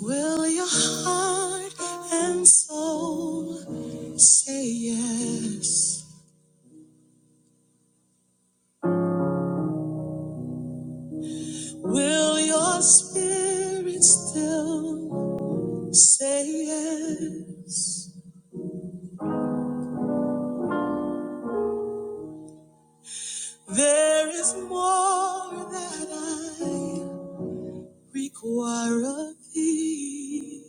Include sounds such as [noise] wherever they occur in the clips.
Will your heart and soul say yes? Will your spirit still say yes? There is more that I require of thee.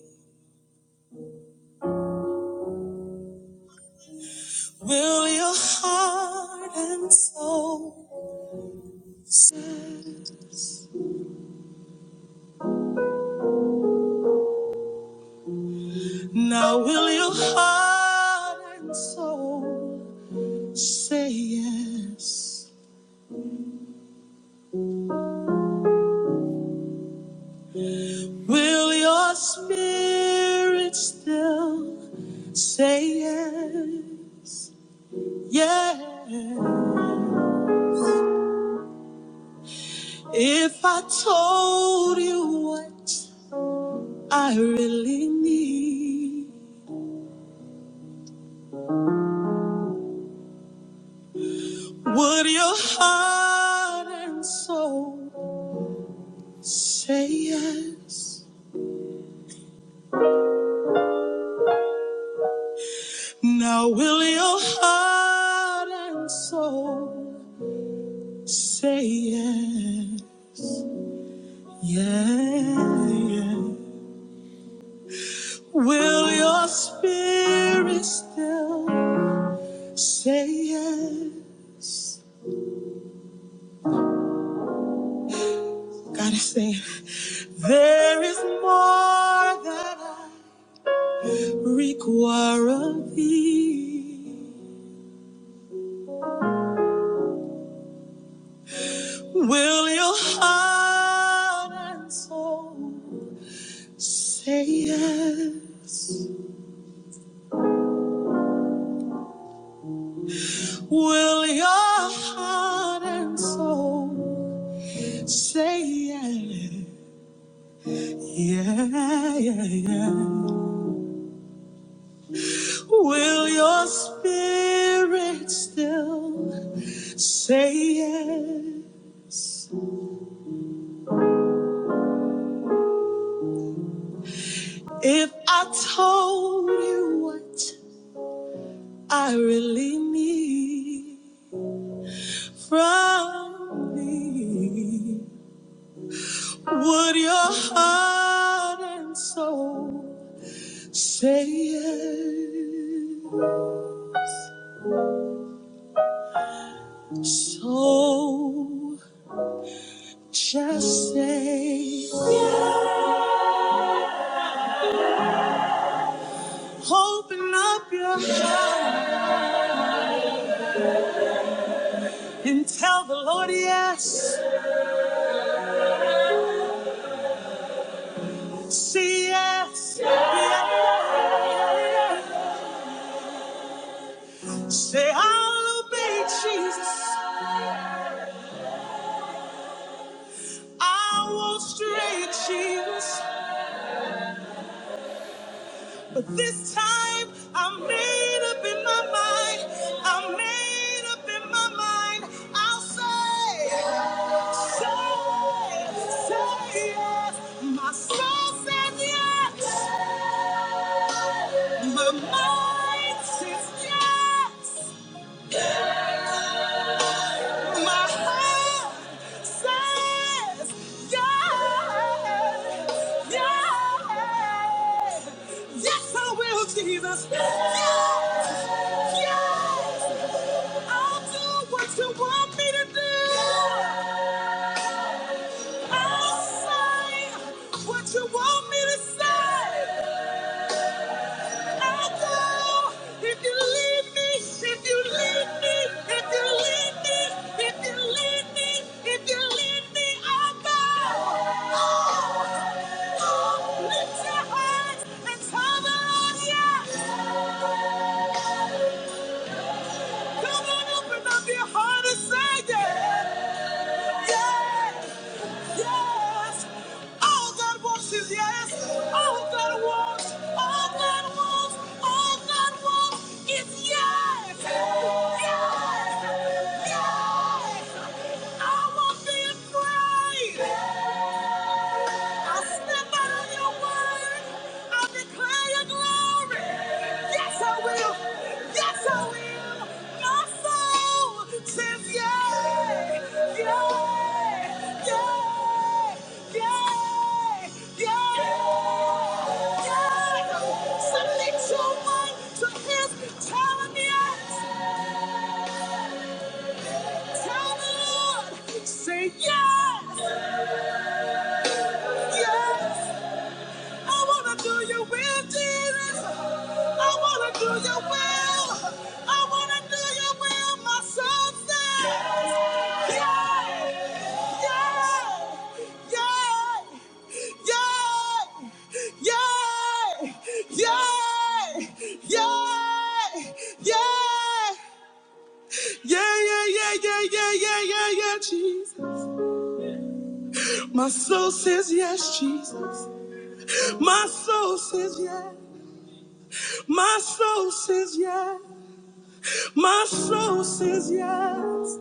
Will your heart and soul say yes? Now will your heart and soul Say yes. Will your spirit still say yes? Yeah. If I told you what I really need, would your heart and soul say yes? Now, will your heart and soul say yes? Yeah, yeah. Will your spirit still say yes? Gotta say, there is more that I require of thee. Will your heart and soul say yes? Will your heart and soul say yes? Yeah, yeah, yeah. Will your spirit still say yes? If I told you what I really need from me, would your heart and soul say yes? So just say yes. Open up your heart and tell the Lord yes. Say yes. Yeah, yeah. yeah. Say I'll obey Jesus. I will stray Jesus. But this time I'm made up in my mind. I'm made up in my mind. I'll say, say, say yes. My soul says yes. My mind says yes. My heart says yes, yes, yes, I will, Jesus. Yes, yes, I'll do what you want me to do. I'll say what you want me to say. Oh, girl, If you leave me, if you leave me, if you leave me, if you leave me, if you leave me, I'll go. Oh, oh, Lift your hands and tell the Lord yes. Come on, open up your heart and say yes. Yes. yes. All God wants is yes. All God wants, all God wants, all God wants is yes. Yes, yes. I won't be afraid. I stand out on your word. I declare your glory. Yes, I will. Yes, I will. My soul says yay, yay, yay, yay, yay, yay. Submit your mind to His telling yes, Say yes, yes. I wanna do your will, Jesus. I wanna do your will. I wanna do your will. My soul says, yeah, yeah, yeah, yeah, yeah, yeah, yeah, yeah, yeah, yeah, yeah, yeah, yeah, yeah, yeah, Jesus. My soul says yes, Jesus. My soul says yes. My soul says yes. My soul says yes.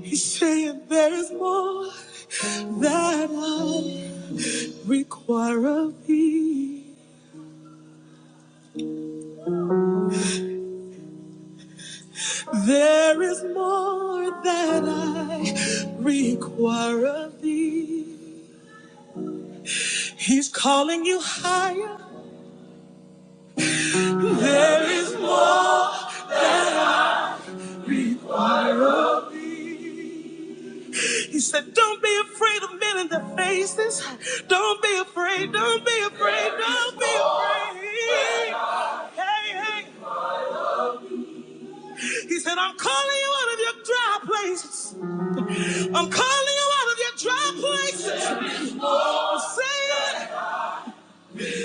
He's saying there is more that I require of thee. There is more that I require of thee. He's calling you higher. There is more of thee. He said, Don't be afraid of men in their faces. Don't be afraid. Don't be afraid. Don't be afraid. Hey, hey, He said, I'm calling you out of your dry places. I'm calling you out of your dry places. I'm saying,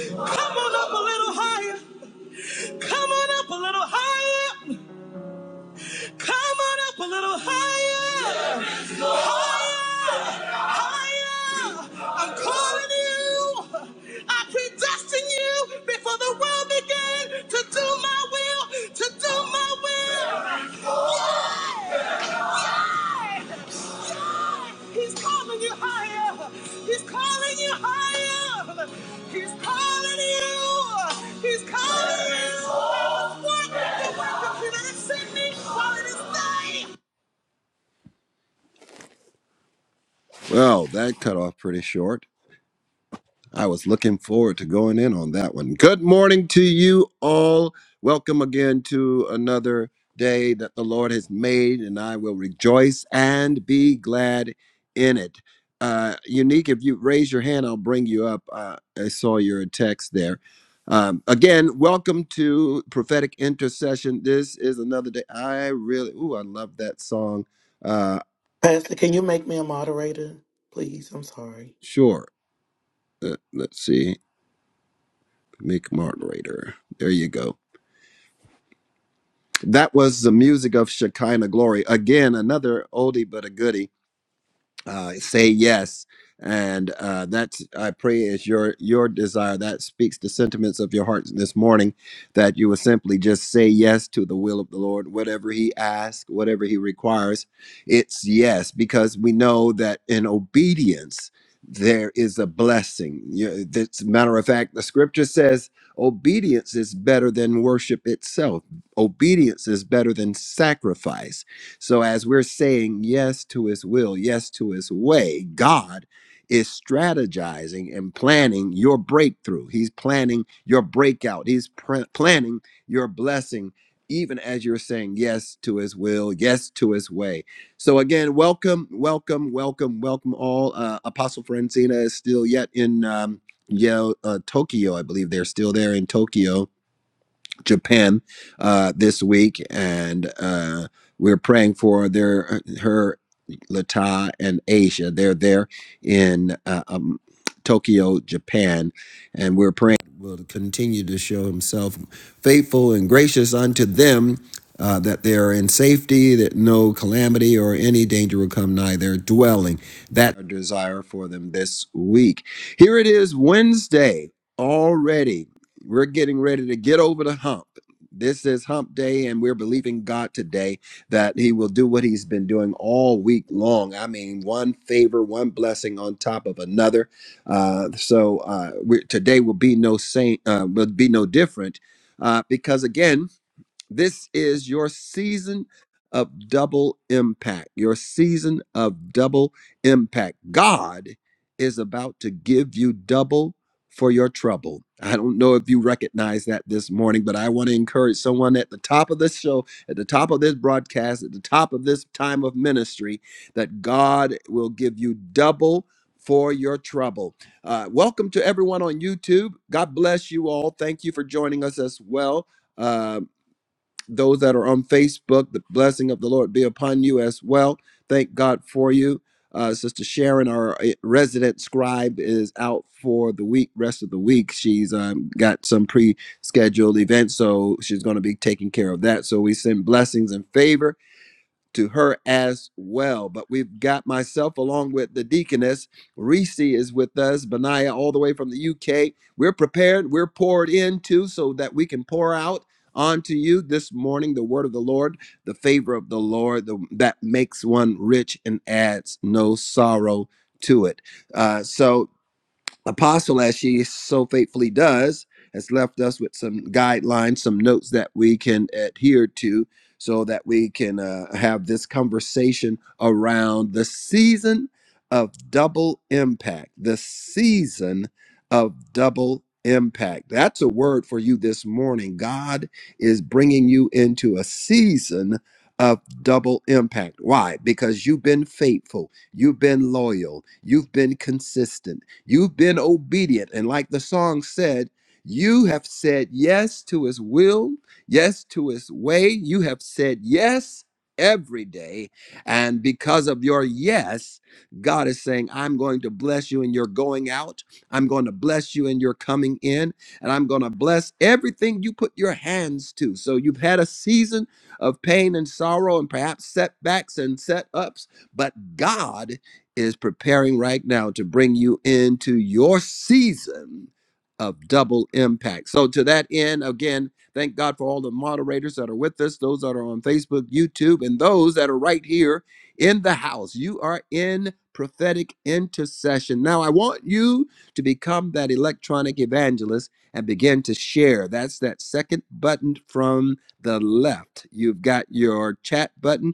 come on up a little higher. Come on up a little higher. Come on up a little higher. Higher. Higher. I'm calling you. I predestined you before the world began to do my will. To do my will. He's calling you higher. He's calling you higher. He's calling you. He's calling you. I was working the work of you that is sent me while it is day. Well, that cut off pretty short. I was looking forward to going in on that one. Good morning to you all. Welcome again to another day that the Lord has made, and I will rejoice and be glad in it. Uh, Unique, if you raise your hand, I'll bring you up. Uh, I saw your text there. Um, again, welcome to Prophetic Intercession. This is another day. I really, ooh, I love that song. Uh, Pastor, can you make me a moderator, please? I'm sorry. sure. Uh, let's see. Make moderator. There you go. That was the music of Shekinah glory. Again, another oldie but a goodie uh, say yes and uh, that's i pray is your your desire that speaks the sentiments of your heart this morning that you will simply just say yes to the will of the lord whatever he asks whatever he requires it's yes because we know that in obedience there is a blessing You- that's matter of fact the scripture says obedience is better than worship itself obedience is better than sacrifice so, as we're saying yes to his will, yes to his way, God is strategizing and planning your breakthrough. He's planning your breakout. He's pr- planning your blessing, even as you're saying yes to his will, yes to his way. So, again, welcome, welcome, welcome, welcome all. Uh, Apostle Francina is still yet in. Um, Yo, uh, Tokyo, I believe they're still there in Tokyo Japan uh, this week, and uh, we're praying for their uh, her Lata and Asia. They're there in uh, um, Tokyo, Japan, and we're praying will continue to show Himself faithful and gracious unto them. Uh, that they are in safety, that no calamity or any danger will come nigh their dwelling. That our desire for them this week. Here it is, Wednesday already. We're getting ready to get over the hump. This is hump day, and we're believing God today that He will do what He's been doing all week long. I mean, one favor, one blessing on top of another. Uh, so uh, we, today will be no saint, uh, will be no different, uh, because again, this is your season of double impact, your season of double impact. God is about to give you double for your trouble. I don't know if you recognize that this morning, but I want to encourage someone at the top of this show, at the top of this broadcast, at the top of this time of ministry, that God will give you double for your trouble. Uh, welcome to everyone on YouTube. God bless you all. Thank you for joining us as well Uh, those that are on Facebook, the blessing of the Lord be upon you as well. Thank God for you. Uh, Sister Sharon, our uh, resident scribe, is out for the week, rest of the week. She's um, got some pre scheduled events, so she's going to be taking care of that. So we send blessings and favor to her as well. But we've got myself along with the deaconess. Reese is with us, Benaiah, all the way from the UK. We're prepared, we're poured into so that we can pour out onto you this morning the word of the Lord, the favor of the Lord the, that makes one rich and adds no sorrow to it. Uh, so Apostle, as she so faithfully does, has left us with some guidelines, some notes that we can adhere to so that we can uh, have this conversation around the season of double impact. The season of double impact. That's a word for you this morning. God is bringing you into a season of double impact. Why? Because you've been faithful, you've been loyal, you've been consistent You've been obedient. And like the song said, you have said yes to his will, yes to his way. You have said yes every day. And because of your yes, God is saying, I'm going to bless you in your going out. I'm going to bless you in your coming in. And I'm going to bless everything you put your hands to. So you've had a season of pain and sorrow and perhaps setbacks and set ups, but God is preparing right now to bring you into your season of double impact. So, to that end, again, thank God for all the moderators that are with us, those that are on Facebook, YouTube, and those that are right here in the house. You are in prophetic intercession. Now, I want you to become that electronic evangelist and begin to share. That's that second button from the left. You've got your chat button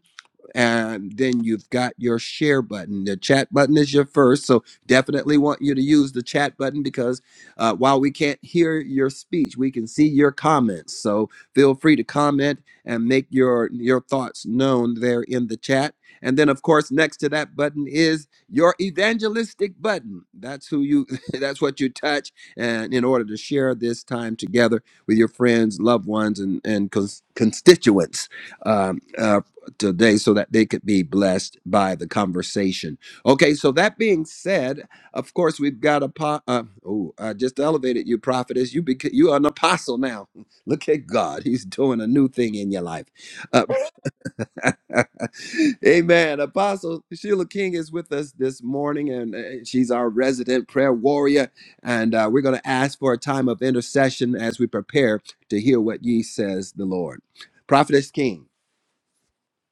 and then you've got your share button. The chat button is your first, so definitely want you to use the chat button because uh, while we can't hear your speech, we can see your comments. So feel free to comment and make your your thoughts known there in the chat. And then, of course, next to that button is your evangelistic button. That's who you. [laughs] that's what you touch, and in order to share this time together with your friends, loved ones, and and cons- constituents. Um, uh, today so that they could be blessed by the conversation. Okay, so that being said, of course we've got a po- uh, oh, I just elevated you, prophetess. You bec- you are an apostle now. [laughs] Look at God; He's doing a new thing in your life. Uh, [laughs] amen. Apostle Sheila King is with us this morning, and uh, she's our resident prayer warrior. And uh, we're going to ask for a time of intercession as we prepare to hear what ye says the Lord. Prophetess King.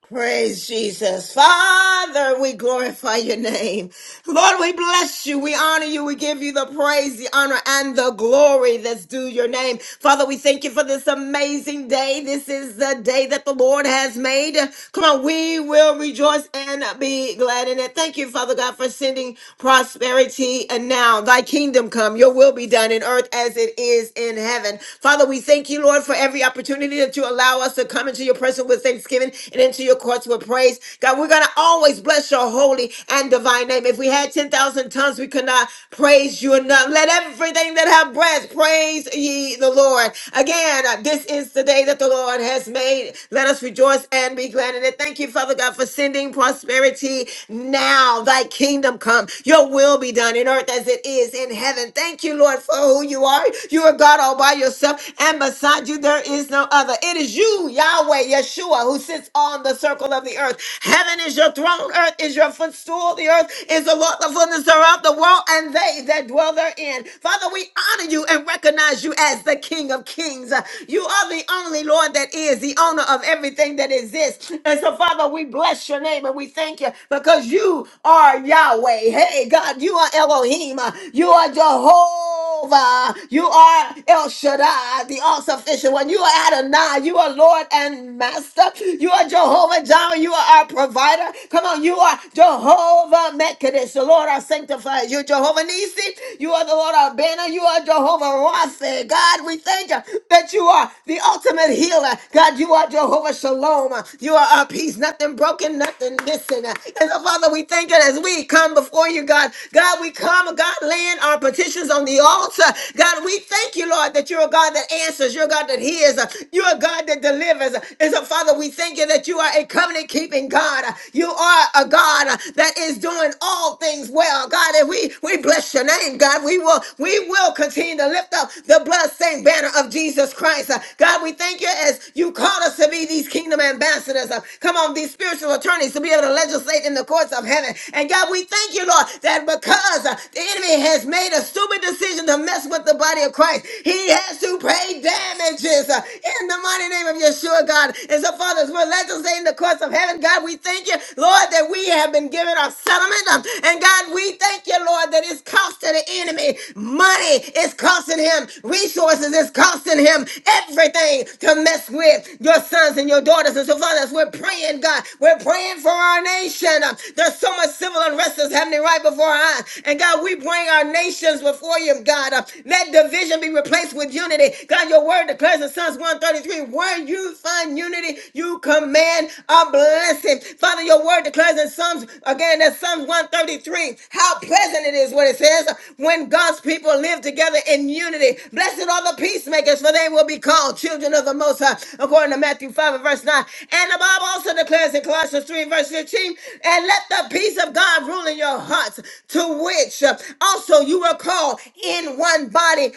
Praise Jesus. Father, we glorify your name. Lord, we bless you. We honor you. We give you the praise, the honor, and the glory that's due your name. Father, we thank you for this amazing day. This is the day that the Lord has made. Come on, we will rejoice and be glad in it. Thank you, Father God, for sending prosperity. And now, thy kingdom come, your will be done in earth as it is in heaven. Father, we thank you, Lord, for every opportunity that you allow us to come into your presence with thanksgiving and into your courts with praise. God, we're going to always bless your holy and divine divine name. If we had 10,000 tongues, we could not praise you enough. Let everything that have breath praise ye the Lord. Again, uh, this is the day that the Lord has made. Let us rejoice and be glad in it. Thank you, Father God, for sending prosperity now. Thy kingdom come. Your will be done in earth as it is in heaven. Thank you, Lord, for who you are. You are God all by yourself, and beside you there is no other. It is you, Yahweh, Yeshua, who sits on the circle of the earth. Heaven is your throne, earth is your footstool restore the earth is the Lord, the fullness thereof, the world, and they that dwell therein. Father, we honor you and recognize you as the King of Kings. Uh, You are the only Lord that is the owner of everything that exists. And so, Father, we bless your name and we thank you because you are Yahweh. Hey, God, you are Elohim. Uh, You are Jehovah. You are El Shaddai, the all sufficient one. You are Adonai. You are Lord and Master. You are Jehovah Jireh. You are our provider. Come on, you are. Jehovah Mekadesh. The Lord our sanctifier. You Jehovah Nisi. You are the Lord our banner. You are Jehovah Rapha. God, we thank you that you are the ultimate healer. God, you are Jehovah Shalom. You are our peace. Nothing broken, nothing missing. And so, Father, we thank you as we come before you, God. God, we come, God, laying our petitions on the altar. God, we thank you, Lord, that you're a God that answers. You're a God that hears. You're a God that delivers. And so, Father, we thank you that you are a covenant keeping God. You are are a God uh, that is doing all things well. God, and we, we bless your name, God. We will we will continue to lift up the bloodstained banner of Jesus Christ. Uh, God, we thank you as you called us to be these kingdom ambassadors. Uh, Come on, these spiritual attorneys to be able to legislate in the courts of heaven. And God, we thank you, Lord, that because uh, the enemy has made a stupid decision to mess with the body of Christ, he has to pay damages uh, in the mighty name of Yeshua, God. And so, fathers, we're legislating the courts of heaven. God, we thank you thank you, Lord, that we have been given a settlement. Um, And God, we thank you, Lord, that it's costing the enemy money, it's costing him resources, it's costing him everything to mess with your sons and your daughters. And so, Father, as we're praying, God, we're praying for our nation. Um, There's so much civil unrest that's happening right before our eyes. And God, we bring our nations before you, God. Uh, Let division be replaced with unity. God, your word declares in Psalms 133 where you find unity, you command a blessing blessing. Father, your word declares in Psalms, again, that's Psalms 133, how pleasant it is, what it says, when God's people live together in unity. Blessed are the peacemakers, for they will be called children of the Most High, according to Matthew 5 and verse 9. And the Bible also declares in Colossians 3 and verse 15, and let the peace of God rule in your hearts, to which uh, also you were called in one body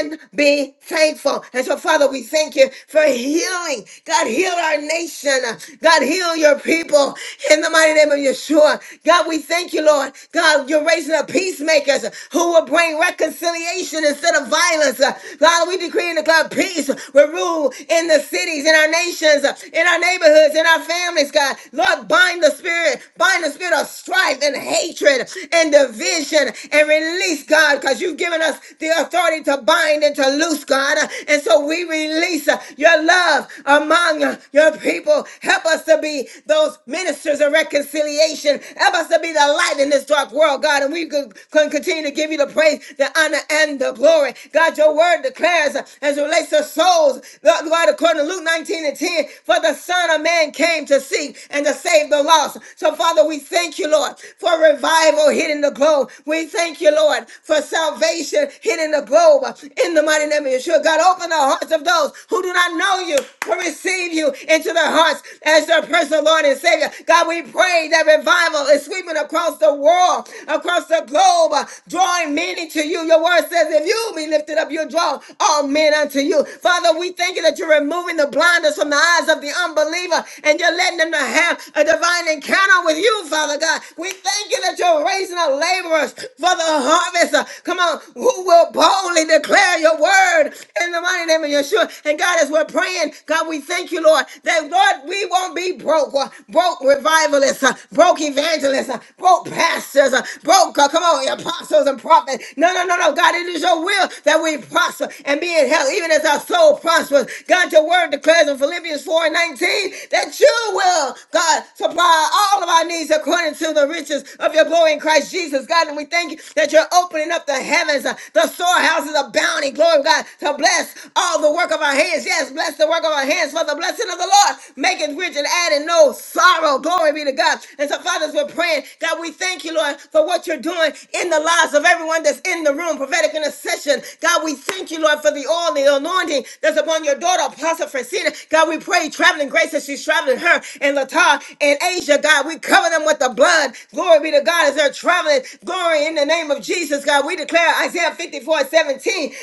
and be thankful. And so, Father, we thank you for healing. God, heal our nation. God, God, heal your people in the mighty name of Yeshua. God, we thank you, Lord. God, you're raising up peacemakers who will bring reconciliation instead of violence. Uh, God, we decree and declare peace will rule in the cities, in our nations, uh, in our neighborhoods, in our families, God. Lord, bind the spirit, bind the spirit of strife and hatred and division and release, God, because you've given us the authority to bind and to loose, God. Uh, And so we release uh, your love among uh, your people. Help us to be those ministers of reconciliation. Help us to be the light in this dark world, God. And we can can continue to give you the praise, the honor, and the glory. God, your word declares uh, as it relates to souls, Lord God, according to Luke 19 and 10, for the Son of Man came to seek and to save the lost. So, Father, we thank you, Lord, for revival hitting the globe. We thank you, Lord, for salvation hitting the globe uh, in the mighty name of Yeshua. God, open the hearts of those who do not know you to receive you into into their hearts as their personal Lord and Savior. God, we pray that revival is sweeping across the world, across the globe, uh, drawing many to you. Your word says, if you be lifted up, you'll draw all men unto you. Father, we thank you that you're removing the blinders from the eyes of the unbeliever and you're letting them to have a divine encounter with you, Father God. We thank you that you're raising up laborers for the harvest. uh, Come on, who will boldly declare your word in the mighty name of Yeshua. And God, as we're praying, God, we thank you, you, Lord, that Lord, we won't be broke, uh, broke revivalists, uh, broke evangelists, uh, broke pastors, uh, broke, uh, come on, apostles and prophets. No, no, no, no, God, it is your will that we prosper and be in health, even as our soul prospers. God, your word declares in Philippians 4 and 19 that you will, God, supply all of our needs according to the riches of your glory in Christ Jesus, God. And we thank you that you're opening up the heavens, uh, the storehouses of bounty, glory, God, to bless all the work of our hands. Yes, bless the work of our hands hands, for the blessing of the Lord maketh rich and adding no sorrow. Glory be to God. And so, fathers, we're praying. God, we thank you, Lord, for what you're doing in the lives of everyone that's in the room. Prophetic intercession. God, we thank you, Lord, for the oil, the anointing that's upon your daughter, Apostle Francina. God, we pray traveling grace as she's traveling her and Latar and Asia. God, we cover them with the blood. Glory be to God as they're traveling. Glory in the name of Jesus, God. We declare Isaiah 54:17.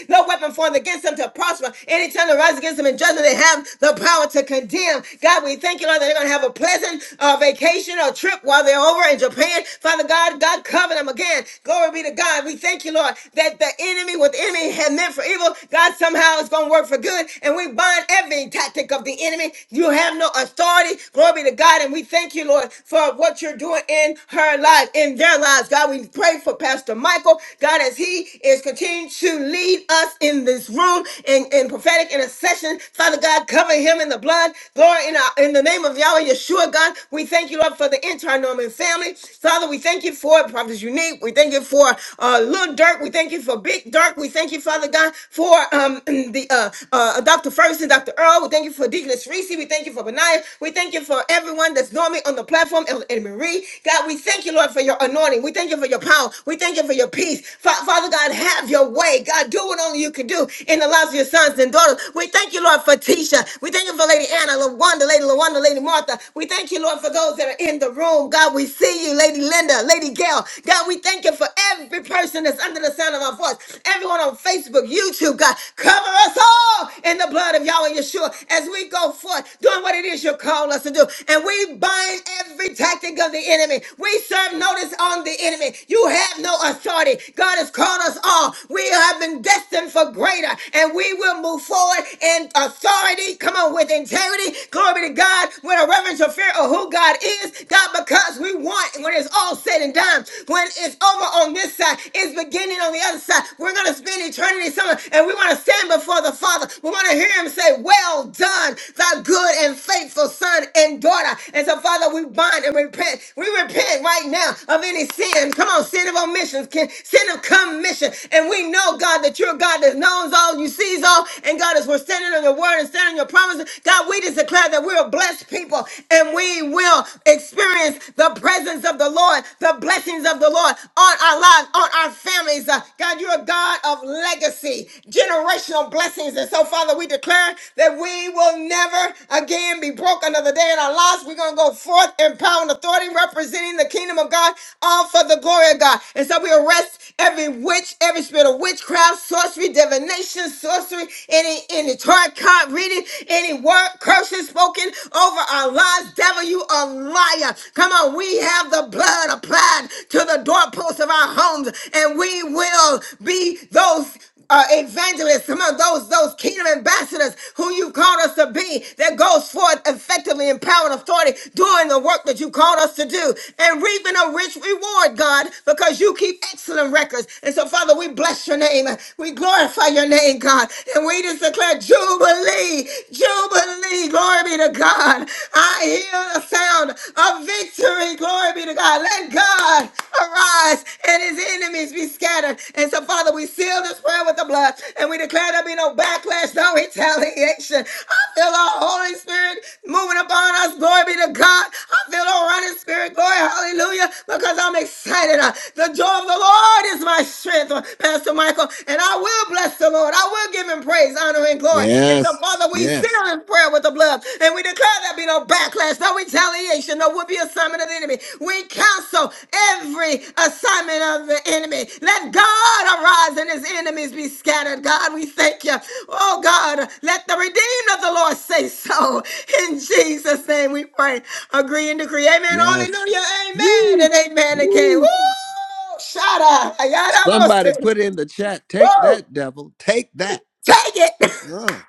No weapon formed against them to prosper. Any tongue that rises against them in judgment whether they have the power to condemn. God, we thank you, Lord, that they're going to have a pleasant uh, vacation or trip while they're over in Japan. Father God, God, cover them again. Glory be to God. We thank you, Lord, that the enemy, what the enemy had meant for evil, God somehow is going to work for good. And we bind every tactic of the enemy. You have no authority. Glory be to God. And we thank you, Lord, for what you're doing in her life, in their lives. God, we pray for Pastor Michael. God, as he is continuing to lead us in this room in, in prophetic intercession intercession. Father God, cover him in the blood. Glory in, our, in the name of Yahweh Yeshua, God. We thank you, Lord, for the entire Norman family. Father, we thank you for it. Prophet's Unique. We thank you for uh, Little Dirk. We thank you for Big Dirk. We thank you, Father God, for um, [clears throat] the uh, uh, Dr. Ferguson, Dr. Earl. We thank you for Deaconess Reese. We thank you for Benaiah. We thank you for everyone that's normally on the platform. Elder and Marie, God, we thank you, Lord, for your anointing. We thank you for your power. We thank you for your peace. Fa- Father God, have your way. God, do what only you can do in the lives of your sons and daughters. Father, We thank you, Lord, for Tisha. We thank you for Lady Anna, LaWanda, Lady LaWanda, Lady Martha. We thank you, Lord, for those that are in the room. God, we see you, Lady Linda, Lady Gail. God, we thank you for every person that's under the sound of our voice. Everyone on Facebook, YouTube, God, cover us all in the blood of Yahweh Yeshua as we go forth doing what it is you call us to do. And we bind every tactic of the enemy. We serve notice on the enemy. You have no authority. God has called us all. We have been destined for greater, and we will will move forward in authority. Come on, with integrity. Glory to God. With a reverential fear of who God is. God, because we want, when it's all said and done, when it's over on this side, it's beginning on the other side. We're going to spend eternity somewhere, and we want to stand before the Father. We want to hear Him say, Well done, thy good and faithful son and daughter. And so, Father, we bind and repent. We repent right now of any sin. Come on, sin of omission, sin of commission. And we know, God, that you're God that knows all all, you sees all. And God, as we're standing on your word and standing on your promises, God, we just declare that we're a blessed people and we will experience the presence of the Lord, the blessings of the Lord on our lives, on our families. Uh, God, you're a God of legacy, generational blessings. And so, Father, we declare that we will never again be broke another day in our lives. We're going to go forth in power and authority, representing the kingdom of God, all for the glory of God. And so we arrest every witch, every spirit of witchcraft, sorcery, divination, sorcery, any any tarot card reading, any word curses spoken over our lives. Devil, you a liar. Come on, we have the blood applied to the doorposts of our homes, and we will be those uh, evangelists, some of those those kingdom ambassadors who you called us to be, that goes forth effectively in power and authority, doing the work that you called us to do, and reaping a rich reward, God, because you keep excellent records. And so, Father, we bless your name. We glorify your name, God. And we just declare Jubilee, Jubilee. Glory be to God. I hear the sound of victory. Glory be to God. Let God arise and his enemies be scattered. And so, Father, we seal this prayer with the blood and we declare there be no backlash, no retaliation. I feel our Holy Spirit moving upon us. Glory be to God. I feel our running spirit. Glory, hallelujah, because I'm excited. Uh, The joy of the Lord is my strength. Uh, Pastor Michael tabernacle, and I will bless the Lord. I will give him praise, honor, and glory. And so, Yes. Father, we seal Yes. in prayer with the blood, and we declare there be no backlash, no retaliation, no would be assignment of the enemy. We counsel every assignment of the enemy. Let God arise and his enemies be scattered. God, we thank you. Oh, God, let the redeemed of the Lord say so. [laughs] In Jesus' name we pray. Agree and decree. Amen. Yes. Hallelujah. Amen. Woo. And amen again. Woo. Woo! Shada. Somebody put in the chat, take Woo! that devil, take that. Take it! Uh,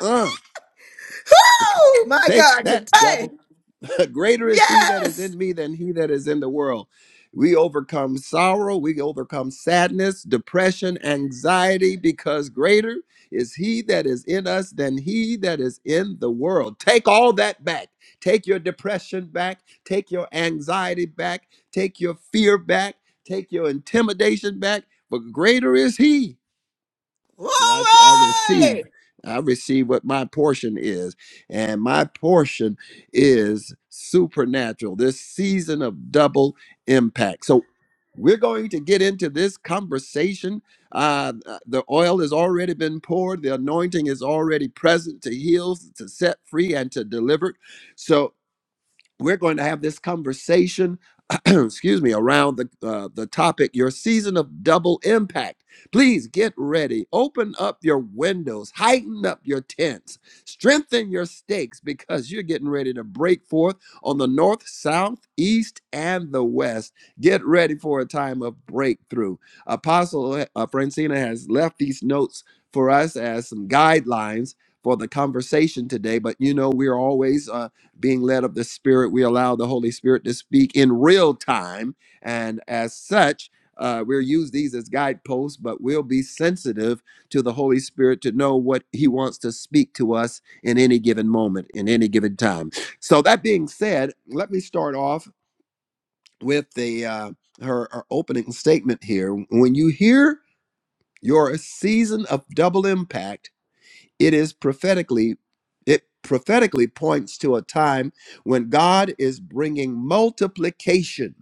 uh. [laughs] Woo! My Take God, that, today! devil. [laughs] Greater is he that is Yes! in me than he that is in the world. We overcome sorrow, we overcome sadness, depression, anxiety, because greater is he that is in us than he that is in the world. Take all that back. Take your depression back. Take your anxiety back. Take your fear back. Take your intimidation back. For greater is he. See, I, I receive, Glory! I receive what my portion is, and my portion is supernatural. This season of double impact. So we're going to get into this conversation. Uh, uh, the oil has already been poured. The anointing is already present to heal, to set free, and to deliver. So we're going to have this conversation [clears throat] excuse me around the uh, the topic your season of double impact please get ready open up your windows heighten up your tents strengthen your stakes because you're getting ready to break forth on the north south east and the west get ready for a time of breakthrough apostle uh, uh, francina has left these notes for us as some guidelines for the conversation today but you know we're always uh, being led of the Spirit. We allow the Holy Spirit to speak in real time. And as such, uh, we'll use these as guideposts, but we'll be sensitive to the Holy Spirit to know what He wants to speak to us in any given moment, in any given time. So, that being said, let me start off with the uh, her, her opening statement here. When you hear your season of double impact, it is prophetically it prophetically points to a time when God is bringing multiplication,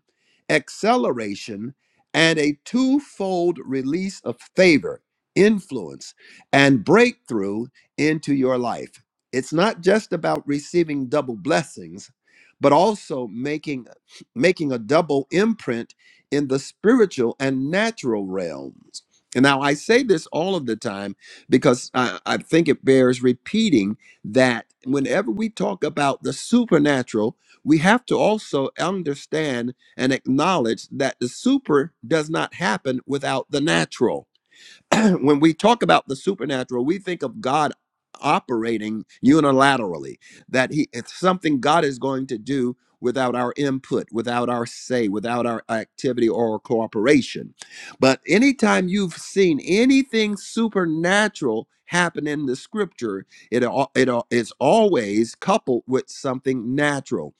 acceleration, and a twofold release of favor, influence, and breakthrough into your life. It's not just about receiving double blessings, but also making making a double imprint in the spiritual and natural realms. And now I say this all of the time because I, I think it bears repeating that whenever we talk about the supernatural, we have to also understand and acknowledge that the super does not happen without the natural [clears throat] when we talk about the supernatural, we think of God operating unilaterally, that he it's something God is going to do without our input, without our say, without our activity or cooperation. But anytime you've seen anything supernatural happen in the scripture, it, al- it al- is always coupled with something natural.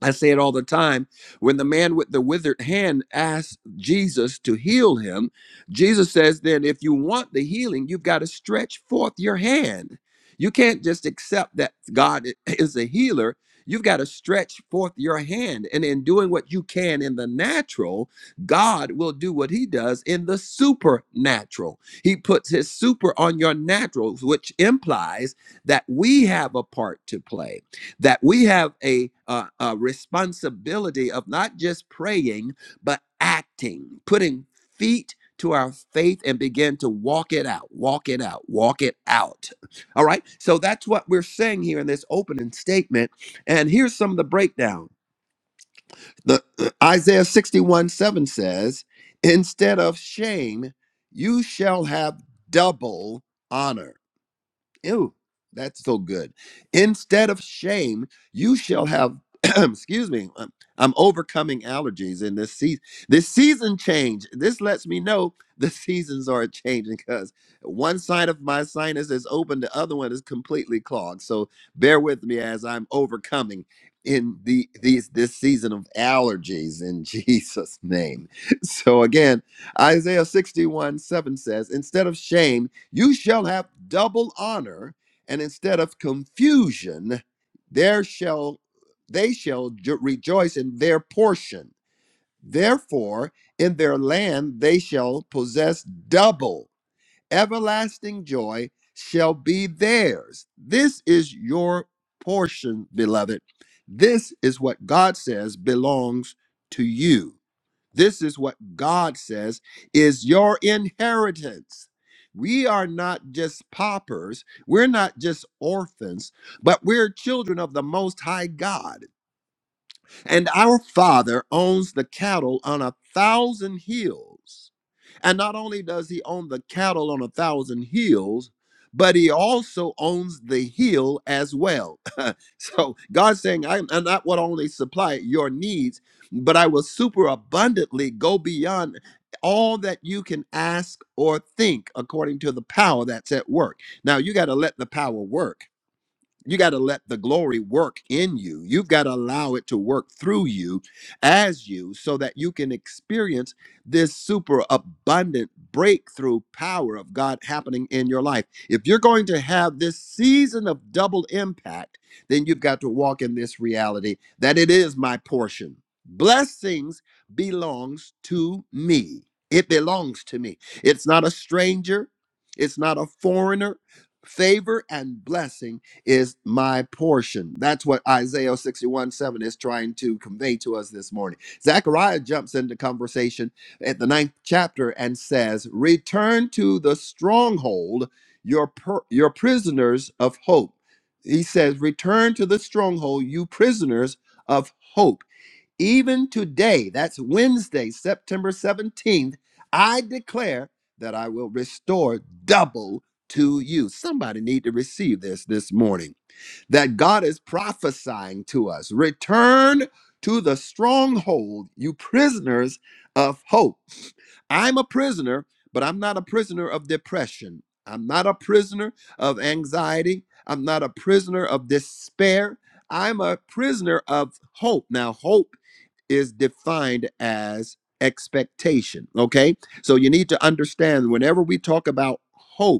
I say it all the time. When the man with the withered hand asked Jesus to heal him, Jesus says, then if you want the healing, you've got to stretch forth your hand. You can't just accept that God is a healer. You've got to stretch forth your hand. And in doing what you can in the natural, God will do what he does in the supernatural. He puts his super on your natural, which implies that we have a part to play that we have a, uh, a responsibility of not just praying, but acting, putting feet to our faith and begin to walk it out, walk it out, walk it out. All right. So that's what we're saying here in this opening statement. And here's some of the breakdown. The [clears throat] Isaiah 61 7 says, Instead of shame, you shall have double honor Ew, that's so good. Instead of shame, you shall have. [clears throat] excuse me. um, I'm overcoming allergies in this season. This season change. This lets me know [laughs] the seasons are changing because one side of my sinus is open, the other one is completely clogged. So bear with me as I'm overcoming in the these this season of allergies in [laughs] Jesus' name. So again, Isaiah 61 7 says, instead of shame. You shall have double honor, and instead of confusion, there shall they shall jo- rejoice in their portion. Therefore, in their land they shall possess double. Everlasting joy shall be theirs. This is your portion, beloved. This is what God says belongs to you. This is what God says is your inheritance. We are not just paupers, we're not just orphans, but we're children of the Most High God. And our Father owns the cattle on a thousand hills. And not only does he own the cattle on a thousand hills, but he also owns the hill as well. So God's saying, I am not what only supply your needs, but I will super abundantly go beyond all that you can ask or think according to the power that's at work. Now you got to let the power work. You got to let the glory work in you. You've got to allow it to work through you as you so that you can experience this super abundant breakthrough power of God happening in your life. If you're going to have this season of double impact, then you've got to walk in this reality that it is my portion. Blessings belongs to me. It belongs to me. It's not a stranger, it's not a foreigner. Favor and blessing is my portion. That's what Isaiah 61 7 is trying to convey to us this morning. Zechariah jumps into conversation at the ninth chapter and says, Return to the stronghold, your, per- your prisoners of hope. He says, Return to the stronghold, you prisoners of hope. Even today, that's Wednesday, September 17th, I declare that I will restore double to you. Somebody need to receive this this morning that God is prophesying to us. Return to the stronghold, you prisoners of hope. I'm a prisoner, but I'm not a prisoner of depression. I'm not a prisoner of anxiety. I'm not a prisoner of despair. I'm a prisoner of hope. Now, hope is defined as expectation, okay? So you need to understand whenever we talk about hope,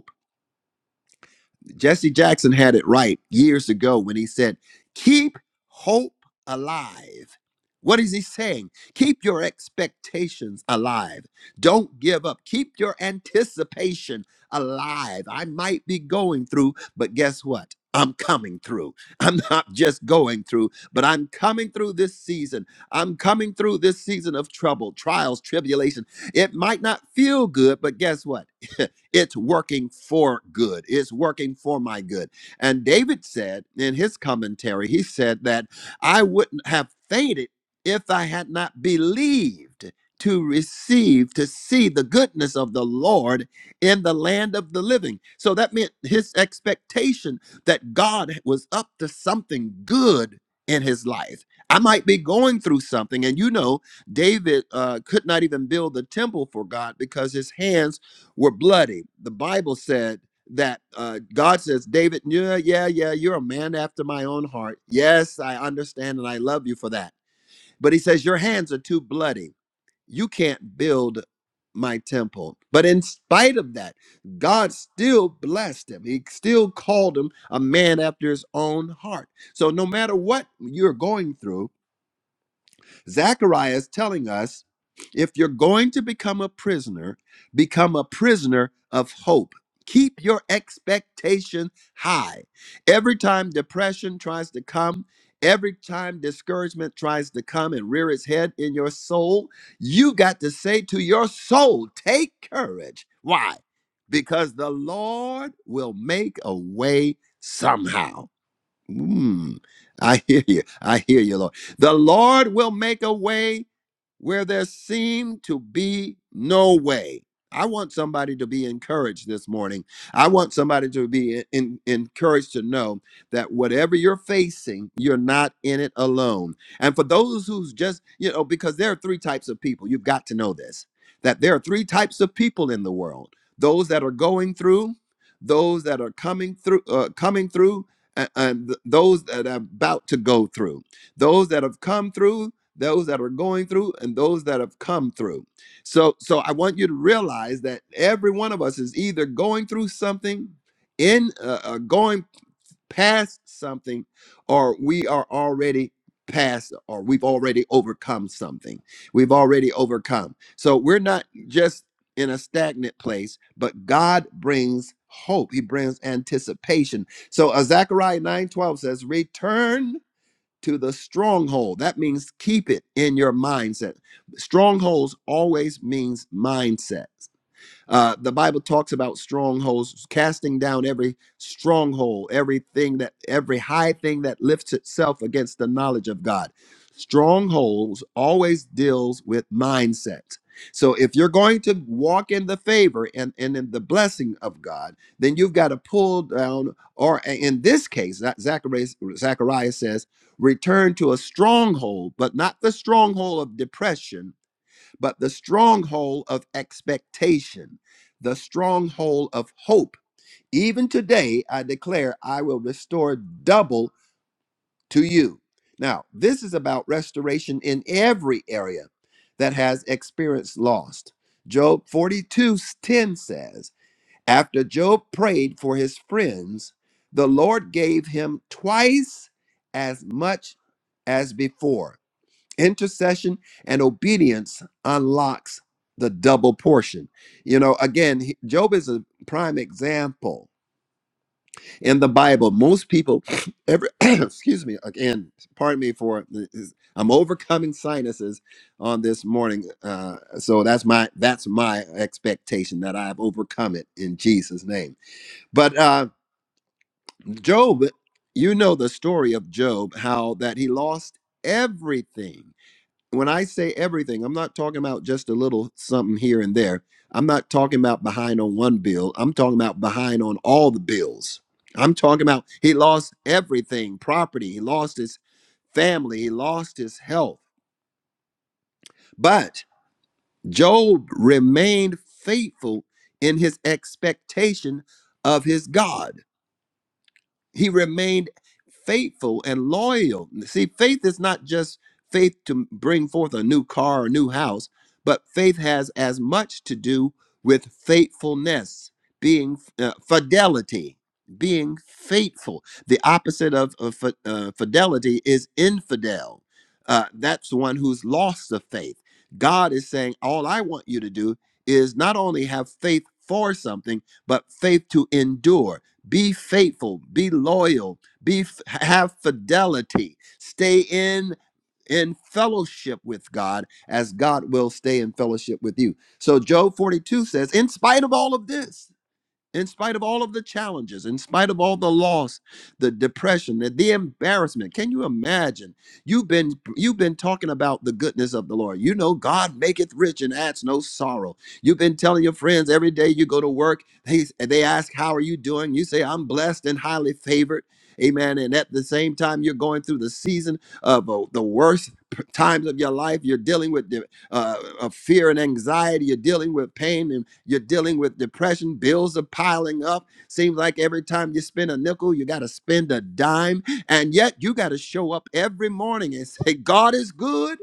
Jesse Jackson had it right years ago when he said, Keep hope alive. What is he saying? Keep your expectations alive. Don't give up. Keep your anticipation alive. I might be going through, but guess what? I'm coming through. [laughs] I'm not just going through, but I'm coming through this season. I'm coming through this season of trouble, trials, tribulation. It might not feel good, but guess what? [laughs] It's working for good. It's working for my good. And David said in his commentary, he said that I wouldn't have fainted if I had not believed to receive, to see the goodness of the Lord in the land of the living. So that meant his expectation that God was up to something good in his life. I might be going through something, and you know, David uh, could not even build the temple for God because his hands were bloody. The Bible said that uh, God says, David, yeah, yeah, yeah, you're a man after my own heart. Yes, I understand and I love you for that. But he says, Your hands are too bloody. You can't build my temple. But in spite of that, God still blessed him. He still called him a man after his own heart. So no matter what you're going through, Zechariah is telling us if you're going to become a prisoner, become a prisoner of hope. Keep your expectation high. Every time depression tries to come, every time discouragement tries to come and rear its head in your soul, you got to say to your soul, take courage. Why? Because the Lord will make a way somehow. Mm, I hear you. I hear you, Lord. The Lord will make a way where there seemed to be no way. I want somebody to be encouraged this morning. I want somebody to be en- encouraged to know that whatever you're facing, you're not in it alone. And for those who's just, you know, because there are three types of people, you've got to know this that there are three types of people in the world those that are going through, those that are coming through, uh, coming through, and, and th- those that are about to go through, those that have come through, those that are going through, and those that have come through. So, so I want you to realize that every one of us is either going through something in uh, uh, going past something or we are already past or we've already overcome something. We've already overcome. So we're not just in a stagnant place, but God brings hope. He brings anticipation. So uh, Zechariah 9:12 says, "Return to the stronghold." That means keep it in your mindset. Strongholds always means mindsets. Uh, the Bible talks about strongholds, casting down every stronghold, everything that, every high thing that lifts itself against the knowledge of God. Strongholds always deals with mindset. So if you're going to walk in the favor and, and in the blessing of God, then you've got to pull down, or in this case, that Zacharias, Zachariah says, return to a stronghold, but not the stronghold of depression but the stronghold of expectation, the stronghold of hope. Even today, I declare I will restore double to you. Now, this is about restoration in every area that has experienced loss. Job 42 10 says, After Job prayed for his friends, the Lord gave him twice as much as before intercession and obedience unlocks the double portion you know again he- job is a prime example in the bible most people [sniffs] every [clears throat] excuse me again pardon me for this- i'm overcoming sinuses on this morning uh so that's my that's my expectation that i've overcome it in jesus name but uh job you know the story of job how that he lost everything when I say everything, I'm not talking about just a little something here and there. I'm not talking about behind on one bill. I'm talking about behind on all the bills. I'm talking about he lost everything property, he lost his family, he lost his health. But Job remained faithful in his expectation of his God. he remained faithful and loyal. See, faith is not just faith to bring forth a new car or new house, but faith has as much to do with faithfulness, being uh, fidelity, being faithful. The opposite of, of fi- uh, fidelity is infidel. Uh, that's one who's lost the faith. God is saying, All I want you to do is not only have faith for something, but faith to endure be faithful be loyal be have fidelity stay in in fellowship with god as god will stay in fellowship with you so job 42 says in spite of all of this in spite of all of the challenges, in spite of all the loss, the depression, the, the embarrassment. Can you imagine? You've been you've been talking about the goodness of the Lord. You know, God maketh rich and adds no sorrow. You've been telling your friends every day you go to work, they, they ask, How are you doing? You say, I'm blessed and highly favored. Amen. And at the same time, you're going through the season of uh, the worst p- times of your life. You're dealing with de- uh, of fear and anxiety. You're dealing with pain and you're dealing with depression. Bills are piling up. Seems like every time you spend a nickel, you got to spend a dime. And yet you got to show up every morning and say, God is good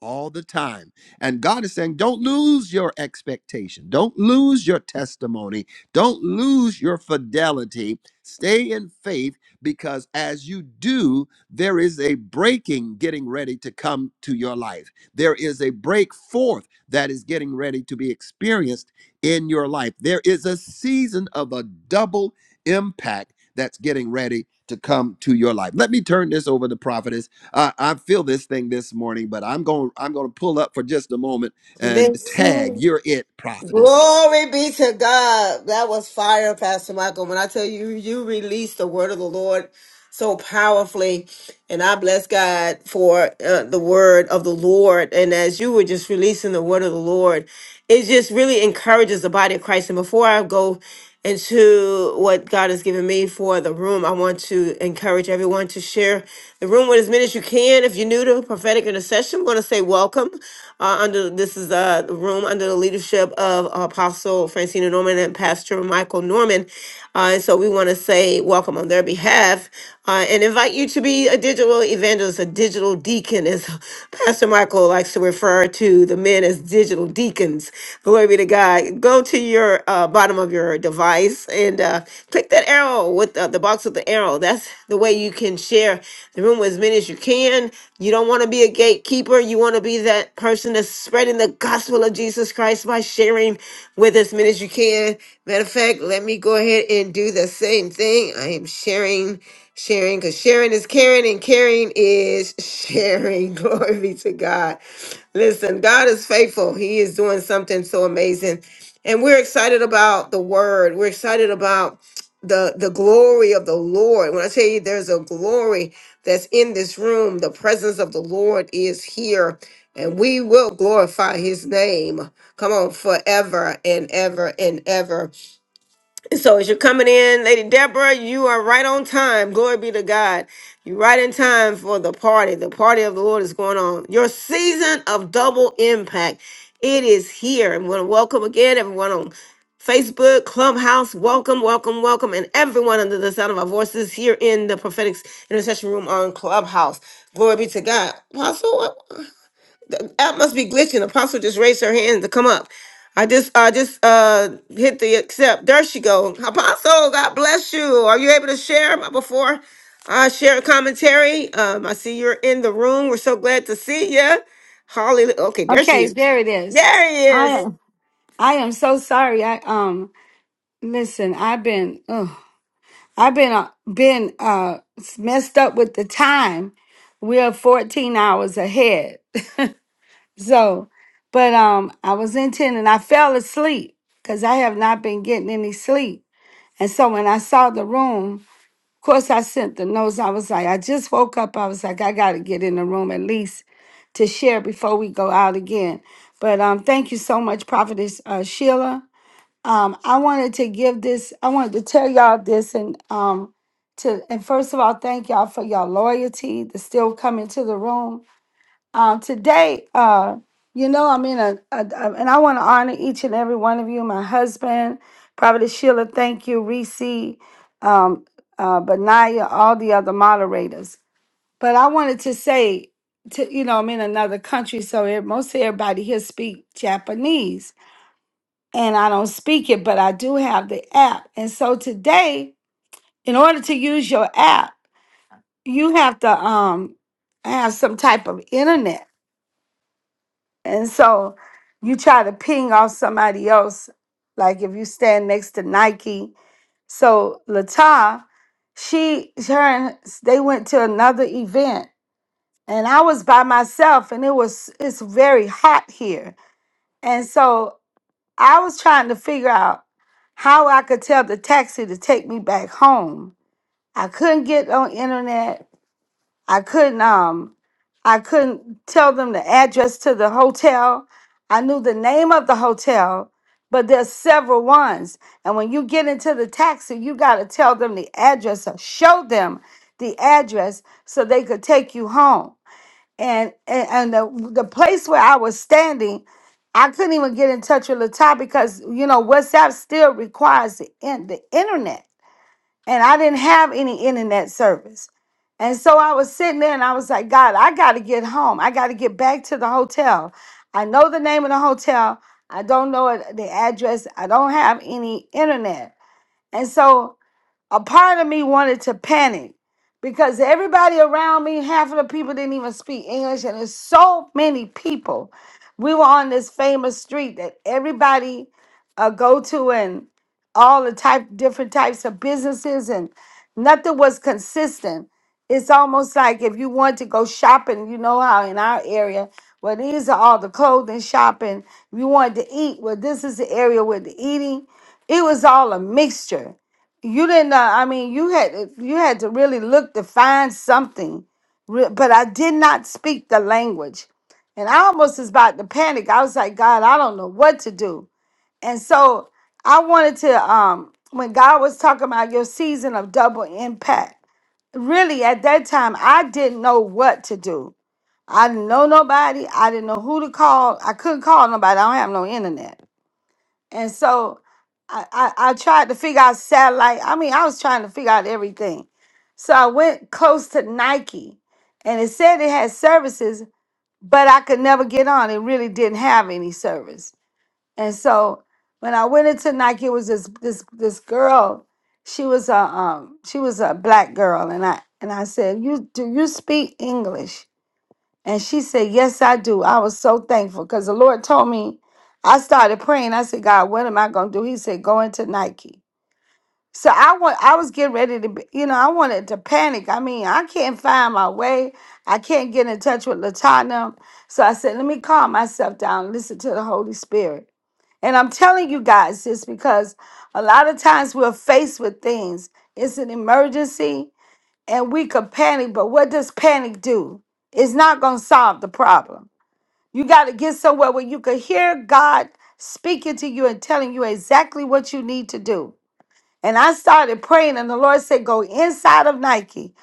all the time. And God is saying, don't lose your expectation. Don't lose your testimony. Don't lose your fidelity. Stay in faith because as you do, there is a breaking getting ready to come to your life. There is a break forth that is getting ready to be experienced in your life. There is a season of a double impact that's getting ready to come to your life. Let me turn this over to prophetess I, I feel this thing this morning, but I'm going. I'm going to pull up for just a moment and tag. Listen. You're it, prophetess. Glory be to God. That was fire, Pastor Michael. When I tell you, you released the word of the Lord so powerfully. And I bless God for uh, the word of the Lord. And as you were just releasing the word of the Lord, it just really encourages the body of Christ. And before I go into what God has given me for the room, I want to encourage everyone to share the room with as many as you can. If you're new to prophetic intercession, want to say welcome. Uh, under this is is uh, the room under the leadership of Apostle Francina Norman and Pastor Michael Norman. Uh, and so we want to say welcome on their behalf uh, and invite you to be a digital evangelist, a digital deacon, as Pastor Michael likes to refer to the men as digital deacons. Glory be to God. Go to your uh, bottom of your device and uh, click that arrow with with uh, the box with the arrow. That's the way you can share the room with as many as you can. You don't want to be a gatekeeper. You want to be that person that's spreading the gospel of Jesus Christ by sharing with as many as you can. Matter of fact, let me go ahead and do the same thing. I am sharing, sharing, because sharing is caring and caring is sharing. [laughs] Glory be to God. Listen, God is faithful. He is doing something so amazing. And we're excited about the word. We're excited about the the glory of the Lord. When I tell you there's a glory that's in this room, the presence of the Lord is here and we will glorify his name. Come on forever and ever and ever. So as you're coming in, Lady Deborah, you are right on time. Glory be to God. You're right in time for the party. The party of the Lord is going on. Your season of double impact. It is here. And we want to welcome again everyone on Facebook, Clubhouse. Welcome, welcome, welcome. And everyone under the sound of our voices here in the prophetic intercession room on Clubhouse. Glory be to God. Apostle, app must be glitching. Apostle just raised her hand to come up. I just I just uh hit the accept. There she go. Apostle, God bless you. Are you able to share before I share a commentary? Um, I see you're in the room. We're so glad to see you. Holly, okay, there she Okay, is. there it is. There he I is. am I am so sorry. I um listen, I've been ugh, I've been uh, been uh messed up with the time. We're 14 hours ahead. [laughs] so, but um I was in 10 and I fell asleep cuz I have not been getting any sleep. And so when I saw the room course, I sent the notes. I was like, I just woke up. I was like, I got to get in the room at least to share before we go out again. But um, thank you so much, Prophetess uh, Sheila. Um, I wanted to give this. I wanted to tell y'all this, and um, to and first of all, thank y'all for your loyalty to still come into the room. Um, today, uh, you know, I'm in a, a, a- and I want to honor each and every one of you. My husband, Prophet Sheila, thank you, Reese, um, uh, Benaya, all the other moderators. But I wanted to say, to you know, I'm in another country, so it, most everybody here speak Japanese, and I don't speak it, but I do have the app. And so today, in order to use your app, you have to um have some type of internet. And so you try to ping off somebody else, like if you stand next to Nike. So Lata, she her and they went to another event. And I was by myself and it was it's very hot here. And so I was trying to figure out how I could tell the taxi to take me back home. I couldn't get on internet. I couldn't um I couldn't tell them the address to the hotel. I knew the name of the hotel, but there's several ones. And when you get into the taxi, you got to tell them the address or show them the address so they could take you home. And and, and the, the place where I was standing, I couldn't even get in touch with Latai because you know WhatsApp still requires the, in, the internet and I didn't have any internet service. And so I was sitting there and I was like, God, I got to get home. I got to get back to the hotel. I know the name of the hotel. I don't know it- the address. I don't have any internet. And so a part of me wanted to panic because everybody around me, half of the people didn't even speak English, and there's so many people. We were on this famous street that everybody uh, go to, and all the type different types of businesses, and nothing was consistent. It's almost like if you want to go shopping, you know how in our area, well, these are all the clothing shopping. If you wanted to eat, well, this is the area with the eating. It was all a mixture you didn't uh, i mean you had you had to really look to find something Re- but i did not speak the language and i almost was about to panic i was like god i don't know what to do and so i wanted to um when god was talking about your season of double impact really at that time i didn't know what to do i didn't know nobody i didn't know who to call i couldn't call nobody i don't have no internet and so I, I, I tried to figure out satellite. I mean, I was trying to figure out everything. So I went close to Nike and it said it had services, but I could never get on. It really didn't have any service. And so when I went into Nike, it was this this this girl. She was a um she was a black girl and I and I said, You do you speak English? And she said, Yes, I do. I was so thankful because the Lord told me, I started praying. I said, God, what am I going to do? He said, Go into Nike. So I want I was getting ready to be, you know, I wanted to panic. I mean, I can't find my way. I can't get in touch with Latana. So I said, let me calm myself down, listen to the Holy Spirit. And I'm telling you guys this because a lot of times we're faced with things. It's an emergency and we could panic, but what does panic do? It's not going to solve the problem. You got to get somewhere where you could hear God speaking to you and telling you exactly what you need to do. And I started praying, and the Lord said, Go inside of Nike.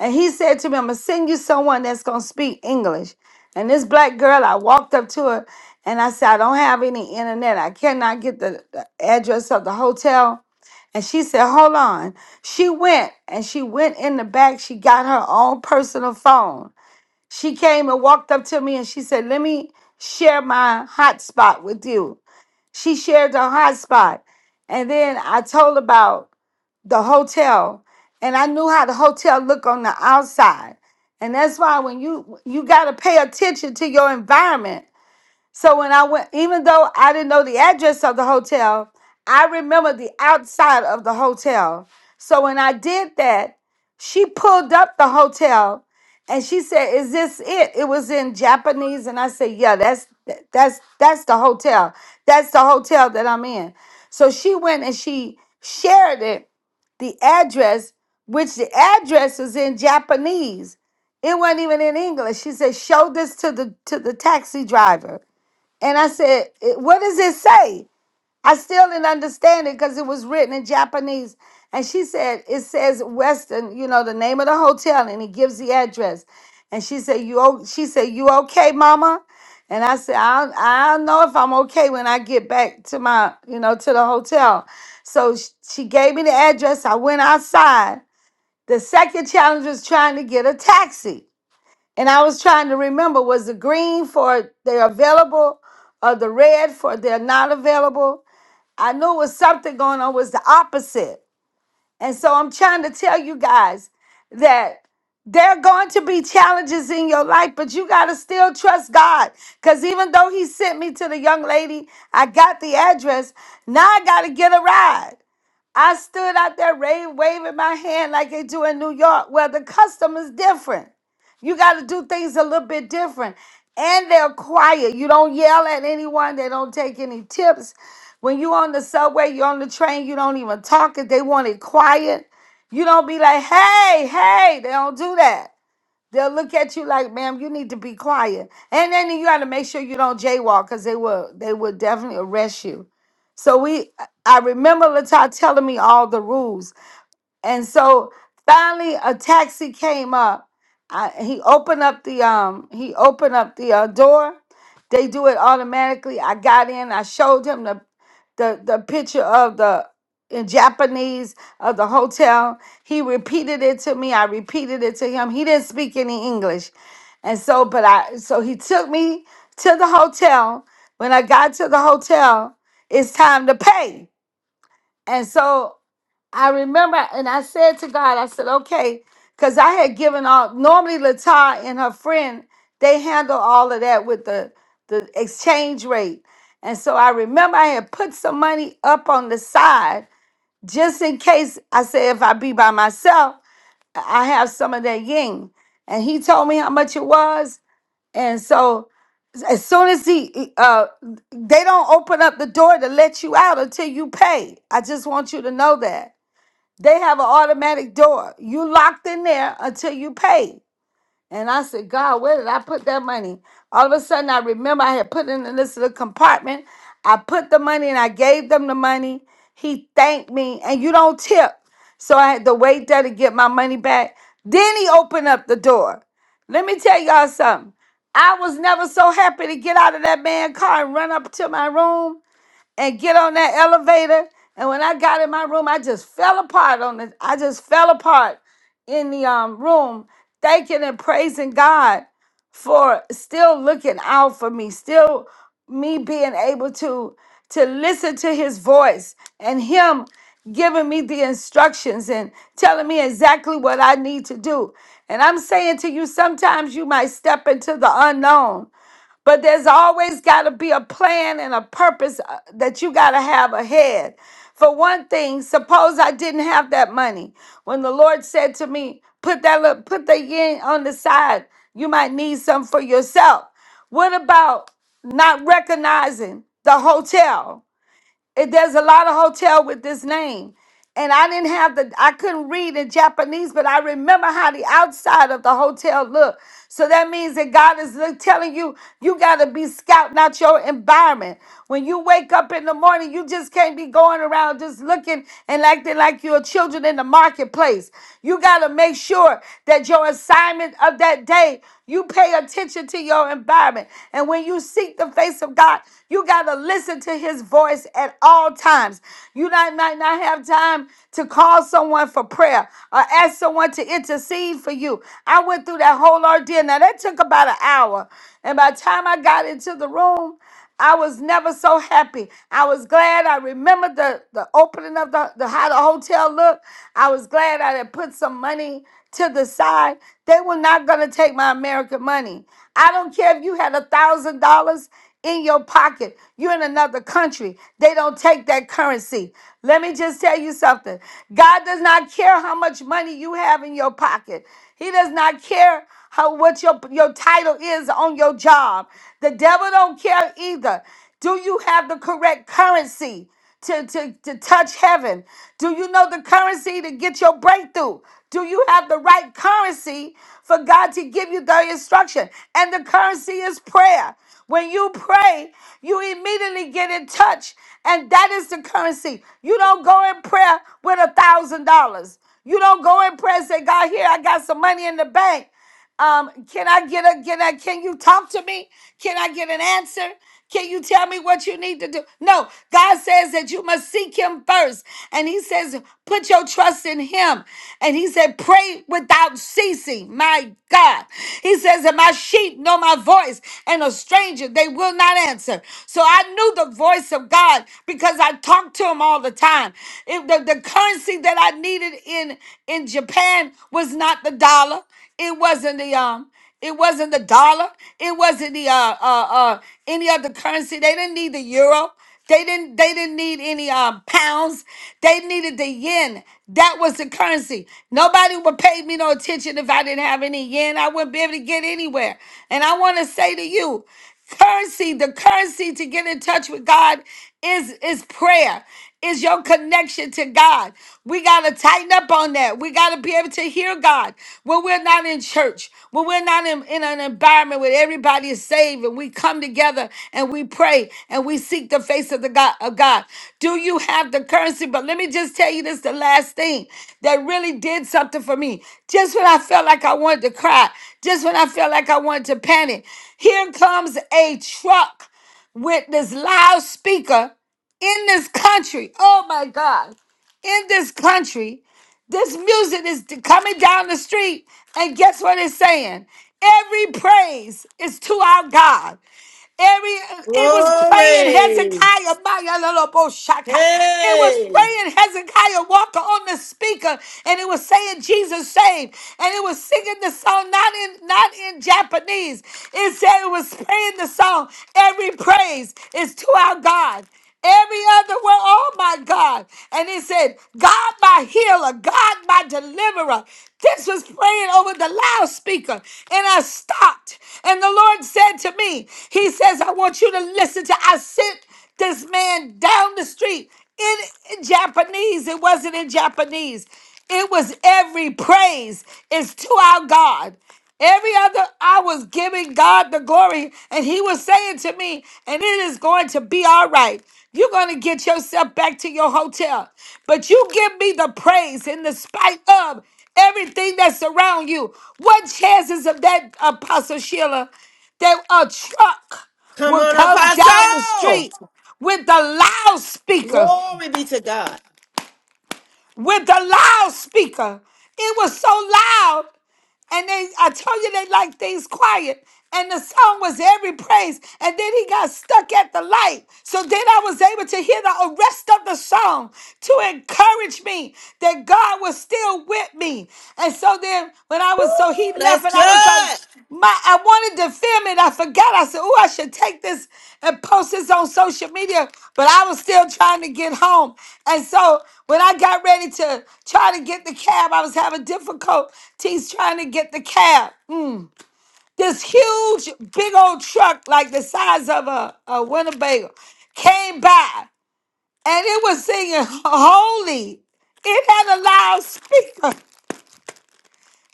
And He said to me, I'm going to send you someone that's going to speak English. And this black girl, I walked up to her and I said, I don't have any internet. I cannot get the, the address of the hotel and she said, Hold on. She went and she went in the back. She got her own personal phone. She came and walked up to me and she said, Let me share my hotspot with you. She shared her hotspot. And then I told about the hotel. And I knew how the hotel looked on the outside. And that's why when you you gotta pay attention to your environment so when I went, even though I didn't know the address of the hotel, I remember the outside of the hotel. So when I did that, she pulled up the hotel and she said, "Is this it?" It was in Japanese, and I said, "Yeah, that's that's that's the hotel. That's the hotel that I'm in." So she went and she shared it, the address, which the address was in Japanese. It wasn't even in English. She said, "Show this to the to the taxi driver." And I said, "It- What does it say? I still didn't understand it because it was written in Japanese. And she said, It says Western, you know, the name of the hotel, and it gives the address. And she said, You o-" she said, You okay, mama? And I said, I don't, I don't know if I'm okay when I get back to my, you know, to the hotel. So sh- she gave me the address. I went outside. The second challenge was trying to get a taxi. And I was trying to remember was the green for they're available or the red for they're not available? I knew it was something going on, was the opposite. And so I'm trying to tell you guys that there are going to be challenges in your life, but you got to still trust God. Because even though He sent me to the young lady, I got the address. Now I got to get a ride. I stood out there ra- waving my hand like they do in New York. Well, the custom is different. You got to do things a little bit different. And they're quiet. You don't yell at anyone. They don't take any tips. When you on the subway, you're on the train, you don't even talk if they want it quiet. You don't be like, hey, hey, they don't do that. They'll look at you like, ma'am, you need to be quiet. And then you gotta make sure you don't jaywalk because they will they will definitely arrest you so we, I remember Latar telling me all the rules, and so finally, a taxi came up. I, he opened up the um he opened up the uh, door. They do it automatically. I got in. I showed him the the the picture of the in Japanese of the hotel. He repeated it to me. I repeated it to him. He didn't speak any English. And so but I so he took me to the hotel. When I got to the hotel, it's time to pay. And so I remember, and I said to God, I said, okay, because I had given all. Normally, Latar and her friend they handle all of that with the the exchange rate, and so I remember I had put some money up on the side just in case. I said, if I be by myself, I have some of that yin. And he told me how much it was, and so as soon as he, uh, they don't open up the door to let you out until you pay. I just want you to know that. They have an automatic door. You locked in there until you pay. And I said, God, where did I put that money? All of a sudden, I remember I had put it in this little compartment. I put the money and I gave them the money. He thanked me, and you don't tip. So I had to wait there to get my money back. Then he opened up the door. Let me tell y'all something. I was never so happy to get out of that man's car and run up to my room and get on that elevator. And when I got in my room, I just fell apart on the I just fell apart in the um room, thanking and praising God for still looking out for me, still me being able to to listen to his voice and him giving me the instructions and telling me exactly what I need to do. And I'm saying to you sometimes you might step into the unknown but there's always got to be a plan and a purpose uh, that you got to have ahead. For one thing, suppose I didn't have that money. When the Lord said to me, put that little, put the yen on the side, you might need some for yourself. What about not recognizing the hotel? It, there's a lot of hotel with this name. And I didn't have the I couldn't read in Japanese, but I remember how the outside of the hotel looked. So that means that God is li- telling you you gotta be scouting out your environment. When you wake up in the morning, you just can't be going around just looking and acting like you're children in the marketplace. You gotta make sure that your assignment of that day you pay attention to your environment. And when you seek the face of God, you got to listen to his voice at all times. You not, might not have time to call someone for prayer or ask someone to intercede for you. I went through that whole ordeal. Now, that took about an hour. And by the time I got into the room, I was never so happy. I was glad I remembered the, the opening of the, the how the hotel looked. I was glad I had put some money to the side. They were not gonna take my American money. I don't care if you had a thousand dollars in your pocket. You're in another country. They don't take that currency. Let me just tell you something. God does not care how much money you have in your pocket. He does not care how what your your title is on your job. The devil don't care either. Do you have the correct currency? to, to, to touch heaven? Do you know the currency to get your breakthrough? Do you have the right currency for God to give you the instruction? And the currency is prayer. When you pray, you immediately get in touch, and that is the currency. You don't go in prayer with a thousand dollars. You don't go in prayer and say, God, here, I got some money in the bank. Um, can I get a can I can you talk to me? Can I get an answer? Can you tell me what you need to do? No, God says that you must seek him first. And he says, put your trust in him. And he said, pray without ceasing. My God. He says, and my sheep know my voice, and a stranger they will not answer. So I knew the voice of God because I talked to him all the time. It- the, the currency that I needed in, in Japan was not the dollar. It wasn't the um. It wasn't the dollar. It wasn't the uh uh uh any other currency. They didn't need the euro. They didn't they didn't need any um pounds. They needed the yen. That was the currency. Nobody would pay me no attention if I didn't have any yen. I wouldn't be able to get anywhere. And I want to say to you, currency, the currency to get in touch with God is is prayer is your connection to god we got to tighten up on that we got to be able to hear god when we're not in church when we're not in, in an environment where everybody is saved and we come together and we pray and we seek the face of the god of god do you have the currency but let me just tell you this the last thing that really did something for me just when i felt like i wanted to cry just when i felt like i wanted to panic here comes a truck with this loudspeaker in this country. Oh my God. In this country, this music is t- coming down the street. And guess what it's saying? Every praise is to our God. Every it was praying Glory. Hezekiah Maya Loloboshaka. It was Hey. praying Hezekiah Walker on the speaker, and it was saying Jesus saved, and it was singing the song not in not in Japanese. It said it was praying the song. Every praise is to our God. Every other word, oh my God. And it said, God my healer, God my deliverer. This was praying over the loudspeaker. And I stopped. And the Lord said to me, He says, I want you to listen to, I sent this man down the street in, in Japanese. It wasn't in Japanese, it was every praise is to our God. Every other, I was giving God the glory, and He was saying to me, and it is going to be all right. You're going to get yourself back to your hotel, but you give me the praise in the spite of everything that's around you. What chances of that, Apostle Sheila, that a truck Come will on, come down the Apostle. street with the loudspeaker? Glory be to God. with the loudspeaker. It was so loud. And they I told you they like things quiet. And the song was every praise. And then he got stuck at the light. So then I was able to hear the rest of the song to encourage me that God was still with me. And so then when I was so he left That's and I was like good. my, I wanted to film it. I forgot. I said, "Oh, I should take this and post this on social media." But I was still trying to get home, and so when I got ready to try to get the cab, I was having difficulties trying to get the cab. Mm. This huge, big old truck, like the size of a, a Winnebago, came by, and it was singing "Holy." It had a loudspeaker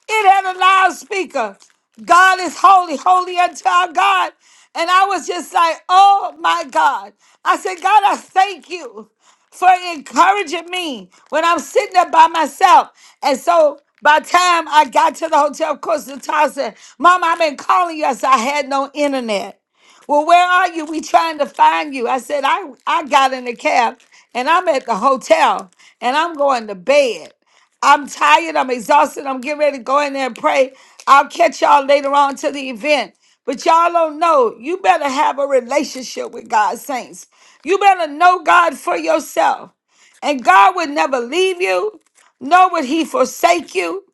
it had a loudspeaker. God is holy, holy unto our God. And I was just like, oh my God. I said, God, I thank you for encouraging me when I'm sitting there by myself. And so by the time I got to the hotel, of course, the child said, Mom, I've been calling you. I said, I had no internet. Well, where are you? We trying to find you. I said, I, I got in the cab and I'm at the hotel and I'm going to bed. I'm tired. I'm exhausted. I'm getting ready to go in there and pray. I'll catch y'all later on to the event. But y'all don't know. You better have a relationship with God, saints. You better know God for yourself. And God would never leave you, nor would he forsake you.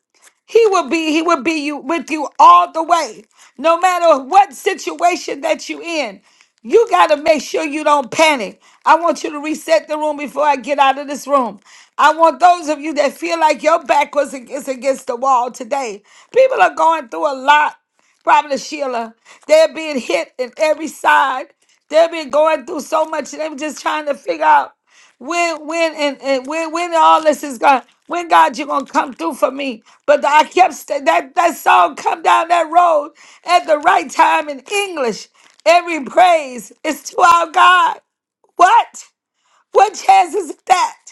He will be, he will be you with you all the way. No matter what situation that you in, you gotta make sure you don't panic. I want you to reset the room before I get out of this room. I want those of you that feel like your back was ag- is against the wall today. People are going through a lot. Probably Sheila. They're being hit in every side. They've been going through so much. They're just trying to figure out. When when and, and when when all this is gone, when God you gonna come through for me? But I kept st- that that song come down that road at the right time in English. Every praise is to our God. What? What chance is that?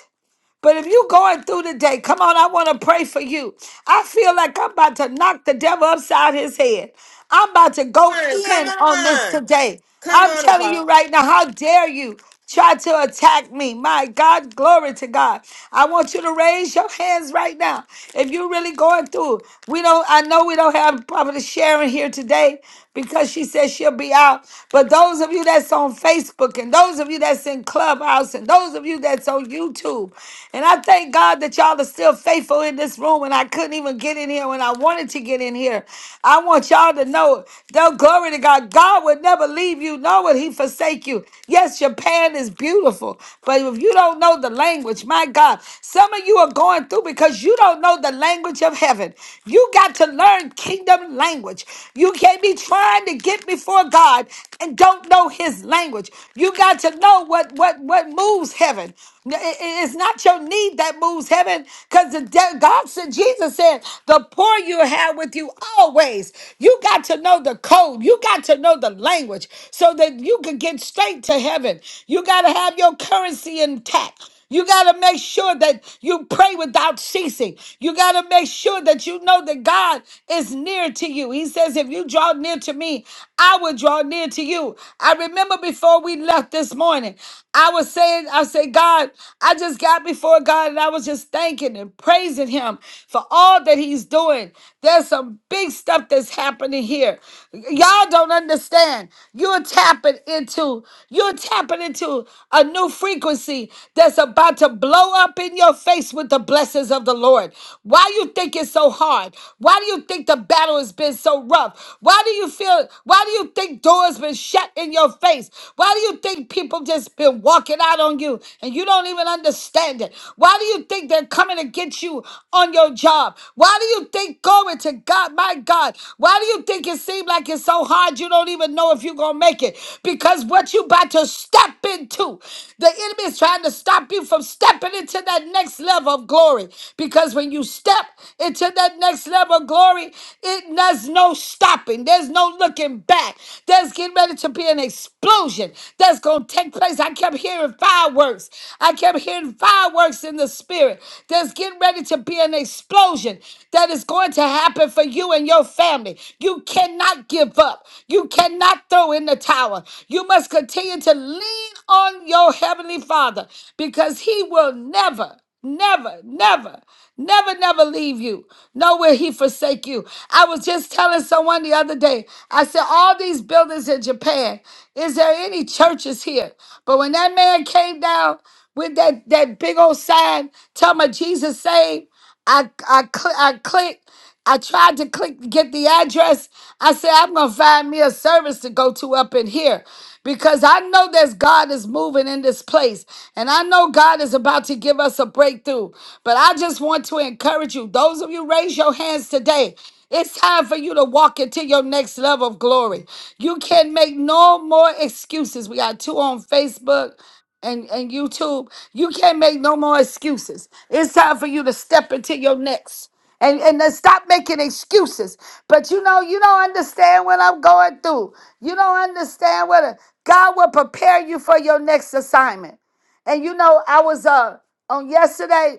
But if you going through the day, come on, I want to pray for you. I feel like I'm about to knock the devil upside his head. I'm about to go Come on. in Come on this on. today. Come I'm on, telling Apostle. you right now, how dare you try to attack me? My God, glory to God. I want you to raise your hands right now. If you're really going through, we don't, I know we don't have probably sharing here today, because she says she'll be out. But those of you that's on Facebook and those of you that's in Clubhouse and those of you that's on YouTube, and I thank God that y'all are still faithful in this room. And I couldn't even get in here when I wanted to get in here. I want y'all to know, though, glory to God, God would never leave you, nor would He forsake you. Yes, Japan is beautiful, but if you don't know the language, my God, some of you are going through because you don't know the language of heaven. You got to learn kingdom language. You can't be trying to get before God and don't know his language. You got to know what what what moves heaven. it- it- It's not your need that moves heaven because the de- God said Jesus said the poor you have with you always. You got to know the code. You got to know the language so that you can get straight to heaven. You got to have your currency intact. You got to make sure that you pray without ceasing. You got to make sure that you know that God is near to you. He says, If you draw near to me, I will draw near to you. I remember before we left this morning, I was saying, I said, God, I just got before God and I was just thanking and praising Him for all that He's doing. There's some big stuff that's happening here. Y'all don't understand. You're tapping into you're tapping into a new frequency that's about to blow up in your face with the blessings of the Lord. Why do you think it's so hard? Why do you think the battle has been so rough? Why do you feel why do you think doors been shut in your face? Why do you think people just been walking out on you and you don't even understand it? Why do you think they're coming to get you on your job? Why do you think going to God, my God? Why do you think it seems like it's working so hard you don't even know if you're gonna make it because what you about to step into the enemy is trying to stop you from stepping into that next level of glory because when you step into that next level of glory it does no stopping there's no looking back there's getting ready to be an explosion that's gonna take place i kept hearing fireworks i kept hearing fireworks in the spirit there's getting ready to be an explosion that is going going to happen for you and your family. You cannot give up. You cannot throw in the towel. You must continue to lean on your Heavenly Father because He will never, never, never, never, never leave you. Nor will He forsake you. I was just telling someone the other day, I said, All these buildings in Japan, is there any churches here? But when that man came down, with that, that big old sign, tell me Jesus saved. I I cl- I clicked. I tried to click to get the address. I said I'm gonna find me a service to go to up in here, because I know that God is moving in this place, and I know God is about to give us a breakthrough. But I just want to encourage you. Those of you raise your hands today. It's time for you to walk into your next level of glory. You can make no more excuses. We got two on Facebook and, and YouTube, you can't make no more excuses. It's time for you to step into your next. And, and then stop making excuses. But you know, you don't understand what I'm going through. You don't understand what a, God will prepare you for your next assignment. And you know, I was uh on yesterday,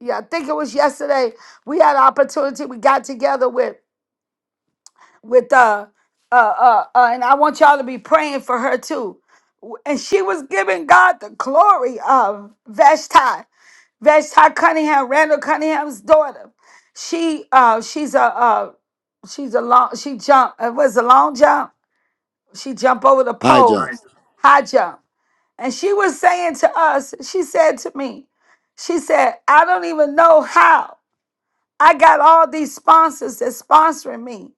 yeah, I think it was yesterday, we had an opportunity, we got together with with uh uh uh, uh and I want y'all to be praying for her too and she was giving God the glory of Vashti, Vashti Cunningham, Randall Cunningham's daughter. She uh she's a uh she's a long she jumped it was a long jump. She jumped over the Hi, pole, high John. jump. high jump. And she was saying to us, she said to me, she said, I don't even know how I got all these sponsors that's sponsoring me.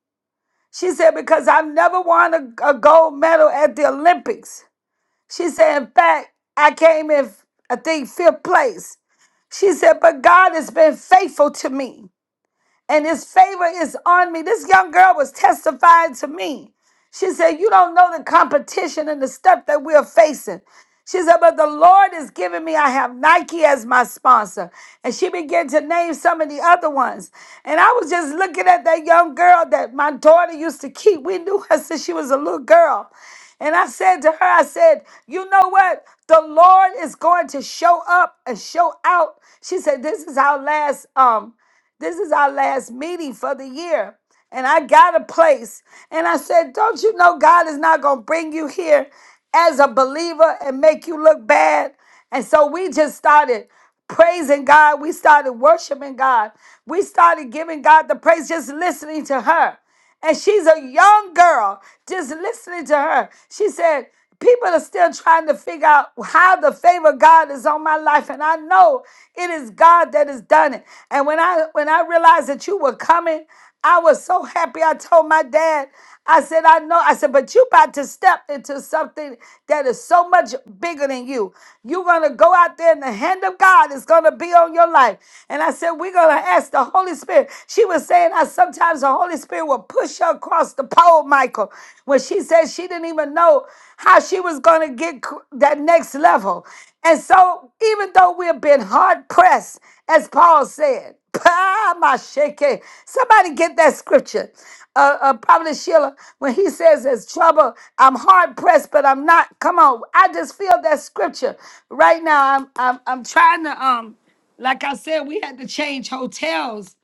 She said, because I've never won a, a gold medal at the Olympics. She said, in fact, I came in, I think, fifth place. She said, but God has been faithful to me and his favor is on me. This young girl was testifying to me. She said, You don't know the competition and the stuff that we're facing. She said, But the Lord is giving me, I have Nike as my sponsor. And she began to name some of the other ones. And I was just looking at that young girl that my daughter used to keep. We knew her since she was a little girl. And I said to her, I said, You know what? The Lord is going to show up and show out. She said, This is our last um this is our last meeting for the year. And I got a place. And I said, Don't you know God is not going to bring you here as a believer and make you look bad? And so we just started praising God. We started worshiping God. We started giving God the praise, just listening to her. And she's a young girl. Just listening to her, she said, People are still trying to figure out how the favor of God is on my life. And I know it is God that has done it. And when I when I realized that you were coming, I was so happy. I told my dad, I said, I know. I said, but you about to step into something that is so much bigger than you. You're going to go out there and the hand of God is going to be on your life. And I said, we're going to ask the Holy Spirit. She was saying, I sometimes the Holy Spirit will push her across the pole, Michael, when she said she didn't even know how she was going to get cr- that next level. And so even though we've been hard pressed, as Paul said. Ah, my shake. Somebody get that scripture. Uh, uh, Probably Sheila, when he says there's trouble, I'm hard pressed, but I'm not. Come on, I just feel that scripture right now. I'm, I'm, I'm trying to. Um, like I said, we had to change hotels,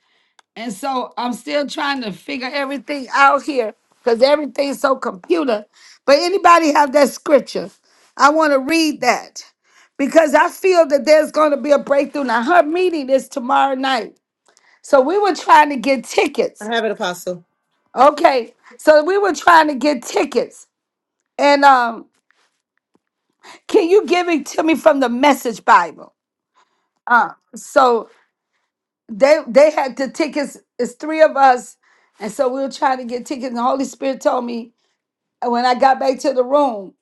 and so I'm still trying to figure everything out here because everything's so computer. But anybody have that scripture? I want to read that because I feel that there's going to be a breakthrough. Now her meeting is tomorrow night so we were trying to get I tickets. have it, Apostle. Okay. So we were trying to get tickets. And um, can you give it to me from the message Bible? Uh so they they had the tickets, it's three of us, and so we were trying to get tickets. And the Holy Spirit told me and when I got back to the room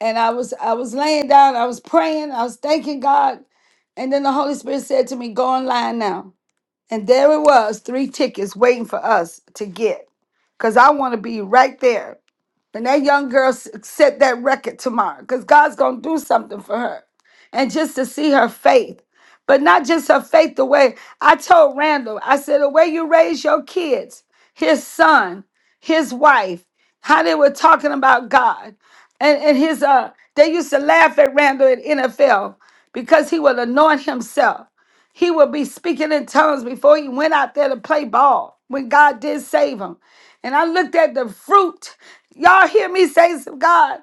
and I was I was laying down, I was praying, I was thanking God, and then the Holy Spirit said to me, Go online now. And there it was, three tickets waiting for us to get. Cause I want to be right there. And that young girl s- set that record tomorrow, because God's going to do something for her. And just to see her faith, but not just her faith, the way I told Randall, I said, the way you raise your kids, his son, his wife, how they were talking about God. And, and his, uh, they used to laugh at Randall at NFL because he would anoint himself. He would be speaking in tongues before he went out there to play ball when God did save him and I looked at the fruit. Y'all hear me say, God,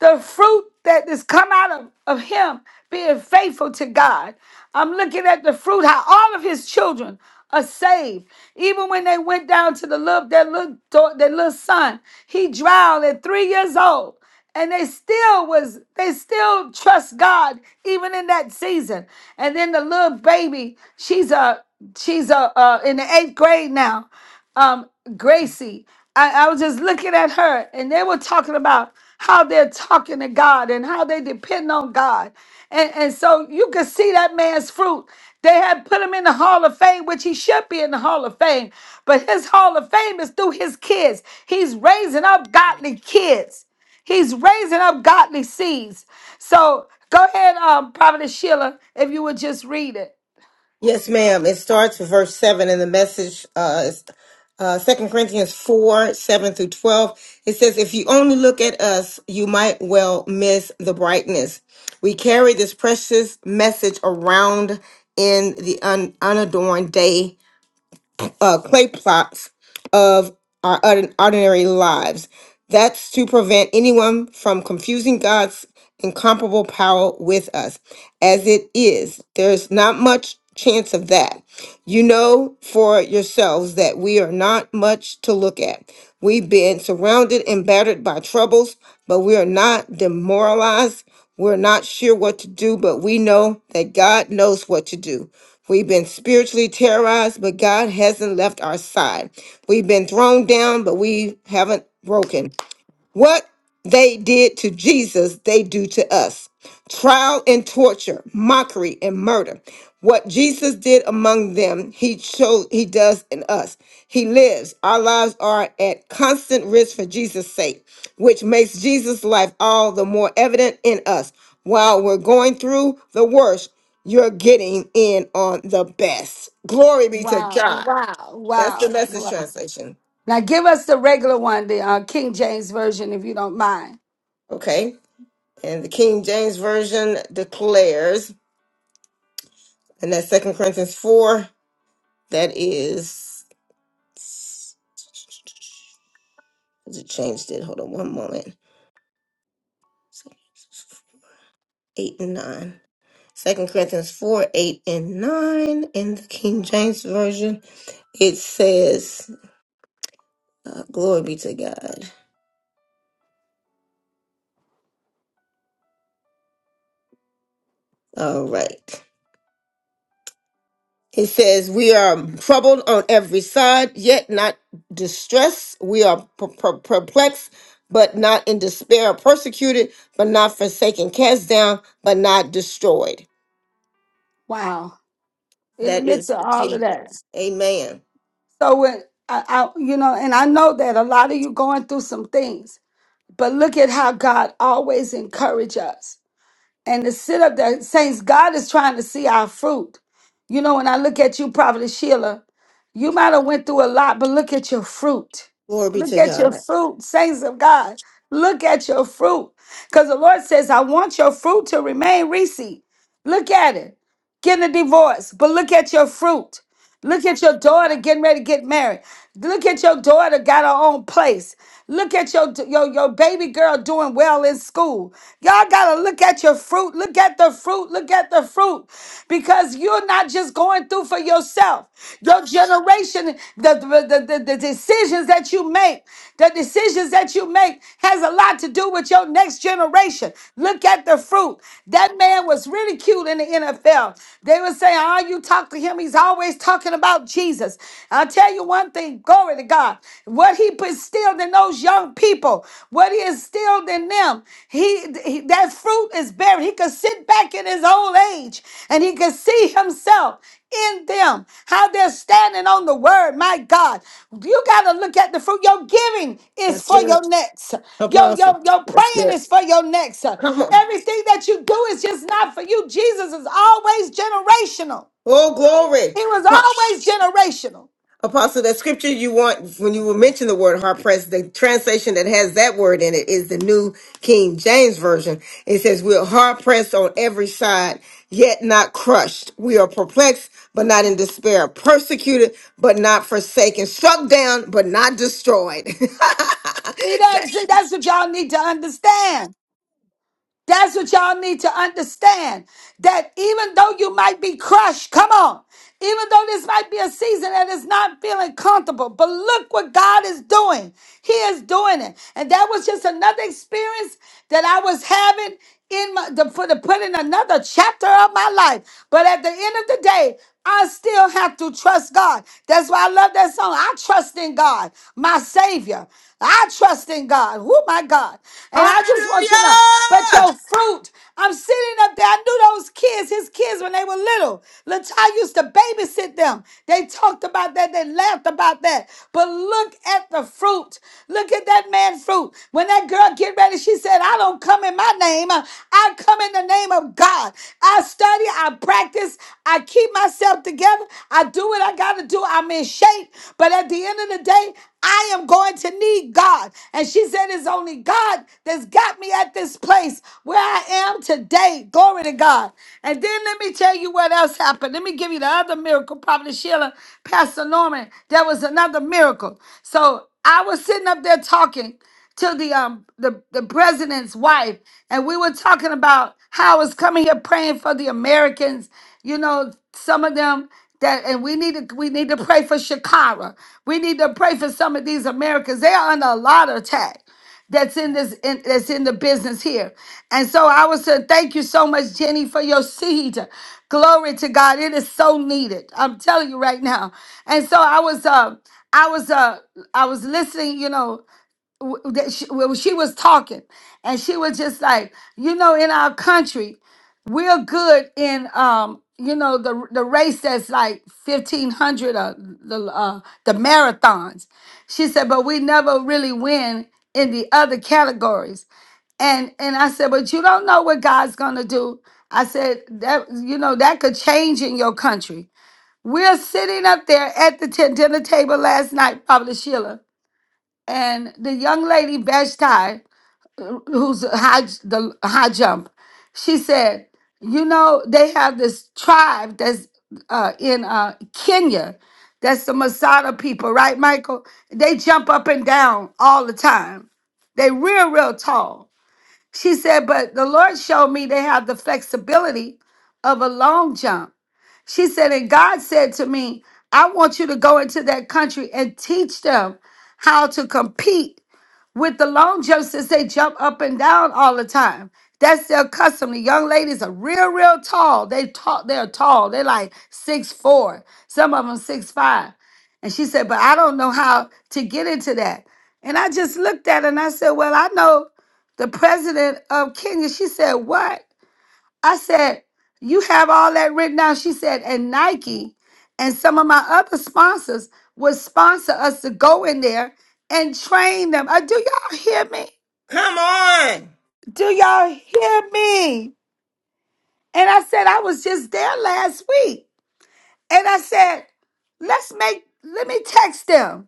the fruit that has come out of, of him being faithful to God. I'm looking at the fruit, how all of his children are saved. Even when they went down to the little, their little, dau- their little son, he drowned at three years old and they still was they still trust God even in that season. And then the little baby, she's a she's a uh, in the eighth grade now um Gracie. I, I was just looking at her and they were talking about how they're talking to God and how they depend on God. And, and so you could see that man's fruit. They had put him in the Hall of Fame, which he should be in the Hall of Fame. But his Hall of Fame is through his kids. He's raising up godly kids. He's raising up godly seeds. So go ahead, um, Prophetess Sheila, if you would just read it. Yes, ma'am. It starts with verse 7 in the message. Uh, is, uh, 2 Corinthians 4 7 through 12. It says, If you only look at us, you might well miss the brightness. We carry this precious message around in the un- unadorned day uh, clay plots of our ordin- ordinary lives. That's to prevent anyone from confusing God's incomparable power with us. As it is, there's not much chance of that. You know for yourselves that we are not much to look at. We've been surrounded and battered by troubles, but we are not demoralized. We're not sure what to do, but we know that God knows what to do. We've been spiritually terrorized, but God hasn't left our side. We've been thrown down, but we haven't broken. What they did to Jesus, they do to us. Trial and torture, mockery and murder. What Jesus did among them, he chose he does in us. He lives. Our lives are at constant risk for Jesus' sake, which makes Jesus' life all the more evident in us. While we're going through the worst, you're getting in on the best. Glory be to Wow, God. wow, That's the wow. message wow. translation. Now give us the regular one, the uh, King James version, if you don't mind. Okay. And the King James Version declares, and that's Second Corinthians 4, that is. It changed it. Hold on one moment. 8 and 9. 2 Corinthians 4, 8 and 9. In the King James Version, it says, uh, Glory be to God. All right. It says, We are troubled on every side, yet not distressed. We are per- per- perplexed, but not in despair. Persecuted, but not forsaken. Cast down, but not destroyed. Wow. In the That midst is of all of that. Jesus. Amen. So when I, I you know, and I know that a lot of you going through some things, but look at how God always encourage us. and to sit up there. Saints, God is trying to see our fruit. You know, when I look at you, Prophet Sheila, you might have went through a lot, but look at your fruit. Glory be Look to at your God. fruit, saints of God. Look at your fruit. Because the Lord says, I want your fruit to remain Reese. Look at it. Getting a divorce, but look at your fruit. Look at your daughter getting ready to get married. Look at your daughter got her own place. Look at your your, your baby girl doing well in school. Y'all gotta look at your fruit. Look at the fruit. Look at the fruit. Because you're not just going through for yourself. Your generation, the, the, the, the the decisions that you make, the decisions that you make has a lot to do with your next generation. Look at the fruit. That man was really cute in the NFL. They would say, Oh, you talk to him. He's He's always talking about Jesus. I'll tell you one thing glory to God. What He instilled in those young people, what He instilled in them, he, he- that fruit is bearing. He could sit back in his old age and he could see himself in them, how they're standing on the word. My God, you got to look at the fruit. Your giving is That's for good. your next. Your, Apostle. your, your That's praying good. is for your next. Come on. Everything that you do is just not for you. Jesus is always generational. Oh, glory. He was Pa- always generational. Apostle, that scripture you want, when you mention the word hard pressed, the translation that has that word in it is the New King James Version. It says, We are hard pressed on every side, yet not crushed. We are perplexed, but Mm. not in despair. Persecuted, but not forsaken. Struck down, but not destroyed. [laughs] See that? See, That's- that's what y'all need to understand. That's what y'all need to understand. That even though you might be crushed, come on, even though this might be a season that is not feeling comfortable, but look what God is doing. He is doing it. And that was just another experience that I was having in my, the, for the put in another chapter of my life. But at the end of the day, I still have to trust God. That's why I love that song. I trust in God, my Savior. I trust in God. Oh my God. And I just want you to know. But Hallelujah! your fruit, I'm sitting up there. I knew those kids, his kids, when they were little. Latai used to babysit them. They talked about that. They laughed about that. But look at the fruit. Look at that man fruit. When that girl get ready, she said, I don't come in my name. Uh, I come in the name of God. I study. I practice. I keep myself together. I do what I got to do. I'm in shape. but. But at the end of the day, I am going to need God. And she said, It's only God that's got me at this place where I am today. Glory to God. And then let me tell you what else happened. Let me give you the other miracle, Prophet Sheila, Pastor Norman. There was another miracle. So I was sitting up there talking to the um the, the president's wife and we were talking about how I was coming here praying for the Americans, you know, some of them that and we need to we need to pray for Shakara. We need to pray for some of these Americans. They are under a lot of attack that's in this in, that's in the business here. And so I would say thank you so much, Jenny, for your seed. Glory to God. It is so needed. I'm telling you right now. And so I was uh I was uh I was listening, you know, w- that she, well, she was talking and she was just like you know in our country we're good in um you know the the race that's like 1500 uh, the uh the marathons she said but we never really win in the other categories and and I said, but you don't know what God's gonna do. I said that you know that could change in your country. We're sitting up there at the t- dinner table last night, Pablo Sheila and the young lady Vashti, who's a high the high jump, she said, "You know, they have this tribe that's uh, in uh, Kenya. That's the Masada people, right, Michael? They jump up and down all the time. They real, real tall." She said, "But the Lord showed me they have the flexibility of a long jump." She said, "And God said to me." I want you to go into that country and teach them how to compete with the long jumps since they jump up and down all the time. That's their custom. The young ladies are real, real tall. They tall, they're tall. They're like six four. Some of them six five. And she said, but I don't know how to get into that. And I just looked at her and I said, Well, I know the president of Kenya. She said, What? I said, You have all that written down. She said, And Nike and some of my other sponsors would sponsor us to go in there and train them. Uh, do y'all hear me? Come on! Do y'all hear me? And I said, I was just there last week. And I said, Let's make, let me text them.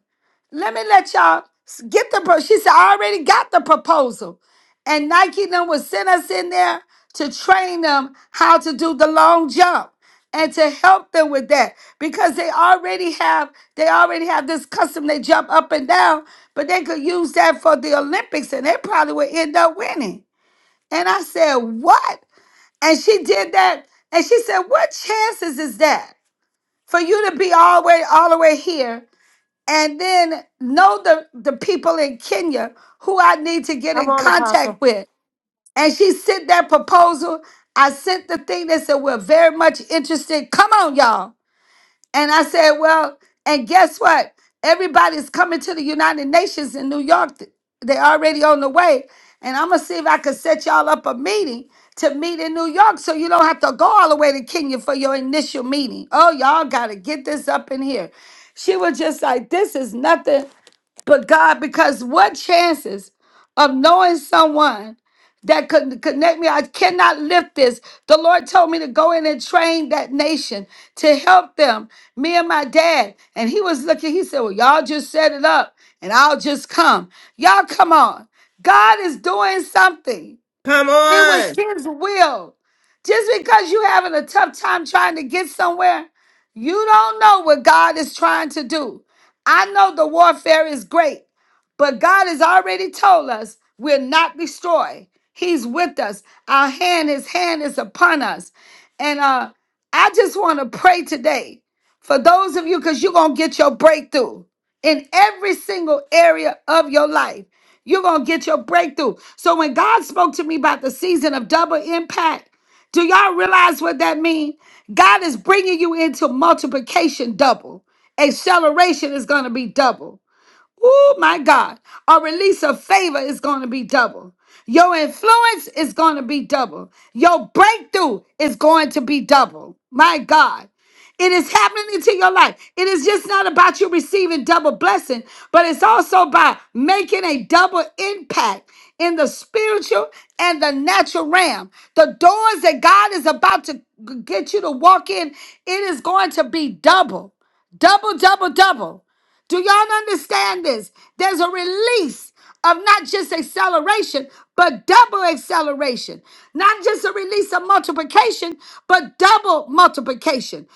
let me let y'all s- get the pro. She said, I already got the proposal. And Nike them would send us in there to train them how to do the long jump and to help them with that because they already have they already have this custom they jump up and down but they could use that for the olympics and they probably would end up winning and i said what and she did that and she said what chances is that for you to be all way all the way here and then know the, the people in Kenya who I need to get Come in on, contact Apostle. with. And she sent that proposal. I sent the thing that said, We're very much interested. Come on, y'all. And I said, Well, and guess what? Everybody's coming to the United Nations in New York. They're already on the way. And I'm going to see if I can set y'all up a meeting to meet in New York so you don't have to go all the way to Kenya for your initial meeting. Oh, y'all got to get this up in here. She was just like, This is nothing but God, because what chances of knowing someone that could connect me? I cannot lift this. The Lord told me to go in and train that nation to help them. Me and my dad. And he was looking, he said, Well, y'all just set it up and I'll just come. Y'all come on. God is doing something. Come It was on! his will. Just because you're having a tough time trying to get somewhere, you don't know what God is trying to do. I know the warfare is great, but God has already told us we're not destroyed. He's with us. Our hand, his hand is upon us. And uh, I just want to pray today for those of you because you're going to get your breakthrough in every single area of your life. You're going to get your breakthrough. So when God spoke to me about the season of double impact, do y'all realize what that means? God is bringing you into multiplication double. Acceleration is going to be double. Oh my God. A release of favor is going to be double. Your influence is going to be double. Your breakthrough is going to be double. My God. It is happening into your life. It is just not about you receiving double blessing, but it's also about making a double impact in the spiritual and the natural realm. The doors that God is about to g- get you to walk in, it is going to be double, double, double, double. Do y'all understand this? There's a release of not just acceleration, but double acceleration. Not just a release of multiplication, but double multiplication,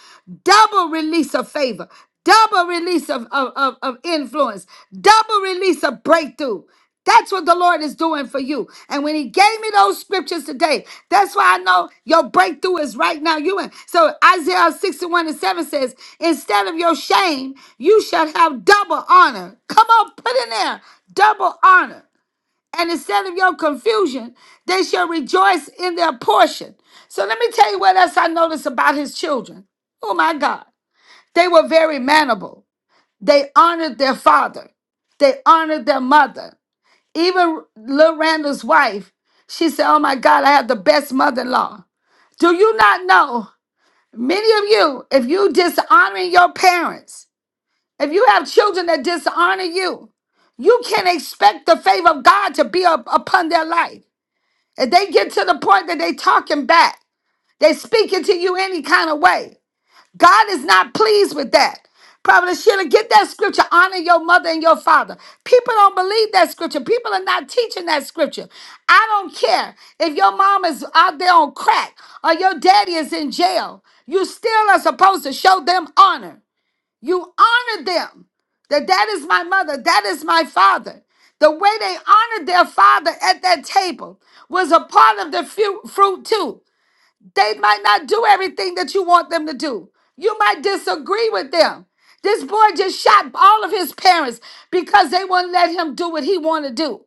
double release of favor, double release of, of, of, of influence, double release of breakthrough. That's what the Lord is doing for you. And when He gave me those scriptures today, that's why I know your breakthrough is right now. You in. So Isaiah 61 and 7 says, Instead of your shame, you shall have double honor. Come on, put in there double honor. And instead of your confusion, they shall rejoice in their portion. So let me tell you what else I noticed about his children. Oh my God. They were very manable. They honored their father. They honored their mother. Even Lil Randall's wife, she said, Oh my God, I have the best mother in law. Do you not know? Many of you, if you dishonoring your parents, if you have children that dishonor you, you can expect the favor of God to be up, upon their life. If they get to the point that they talking back, they speaking to you any kind of way. God is not pleased with that. Probably Sheila, get that scripture. Honor your mother and your father. People don't believe that scripture. People are not teaching that scripture. I don't care if your mom is out there on crack or your daddy is in jail. You still are supposed to show them honor. You honor them. That that is my mother. That is my father. The way they honored their father at that table was a part of the fu- fruit too. They might not do everything that you want them to do. You might disagree with them. This boy just shot all of his parents because they wouldn't let him do what he wanted to do.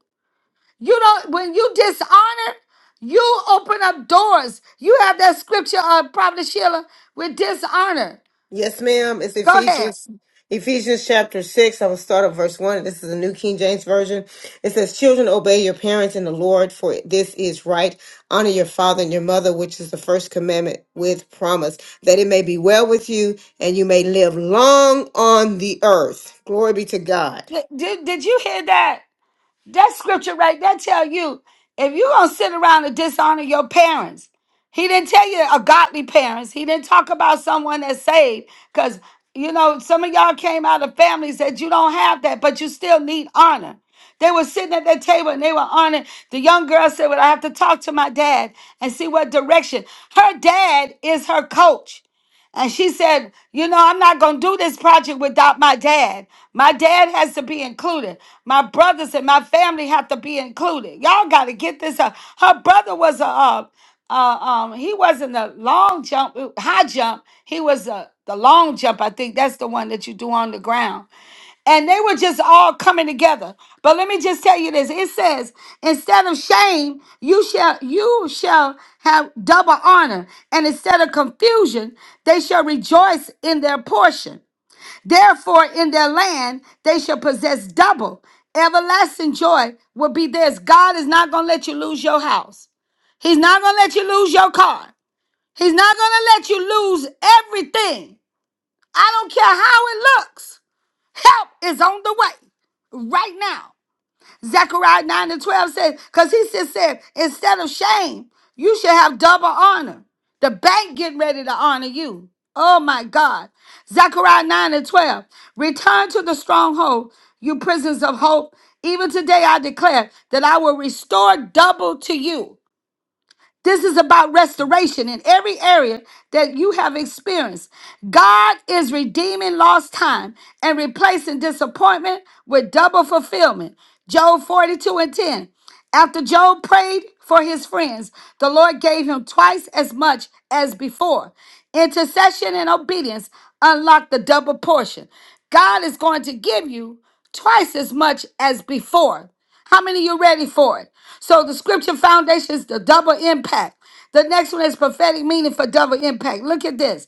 You don't when you dishonor, you open up doors. You have that scripture, uh, Prophet Sheila, with dishonor. Yes, ma'am. It's Go ahead. Ephesians, Ephesians chapter six. I'm gonna start at verse one. This is the New King James Version. It says, Children, obey your parents in the Lord, for this is right. Honor your father and your mother, which is the first commandment with promise, that it may be well with you and you may live long on the earth. Glory be to God. Did, did you hear that? That scripture right there tell you if you gonna sit around and dishonor your parents, he didn't tell you a godly parents. He didn't talk about someone that's saved. Cause you know, some of y'all came out of families that you don't have that, but you still need honor. They were sitting at that table and they were honored. The young girl said, Well, I have to talk to my dad and see what direction. Her dad is her coach. And she said, You know, I'm not going to do this project without my dad. My dad has to be included. My brothers and my family have to be included. Y'all got to get this up. Her brother was a, uh, uh, um, he wasn't a long jump, high jump. He was a, the long jump, I think. That's the one that you do on the ground and they were just all coming together but let me just tell you this it says instead of shame you shall you shall have double honor and instead of confusion they shall rejoice in their portion therefore in their land they shall possess double everlasting joy will be theirs god is not going to let you lose your house He's not going to let you lose your car. He's not going to let you lose everything. I don't care how it looks. Help is on the way right now. Zechariah 9 and 12 says, because he just said, instead of shame, you should have double honor. The bank getting ready to honor you. Oh my God. Zechariah 9 and 12. Return to the stronghold, you prisoners of hope. Even today I declare that I will restore double to you. This is about restoration in every area that you have experienced. God is redeeming lost time and replacing disappointment with double fulfillment. Job 42 and 10. After Job prayed for his friends, the Lord gave him twice as much as before. Intercession and obedience unlock the double portion. God is going to give you twice as much as before. How many of you ready for it? So the scripture foundation is the double impact. The next one is prophetic meaning for double impact. Look at this.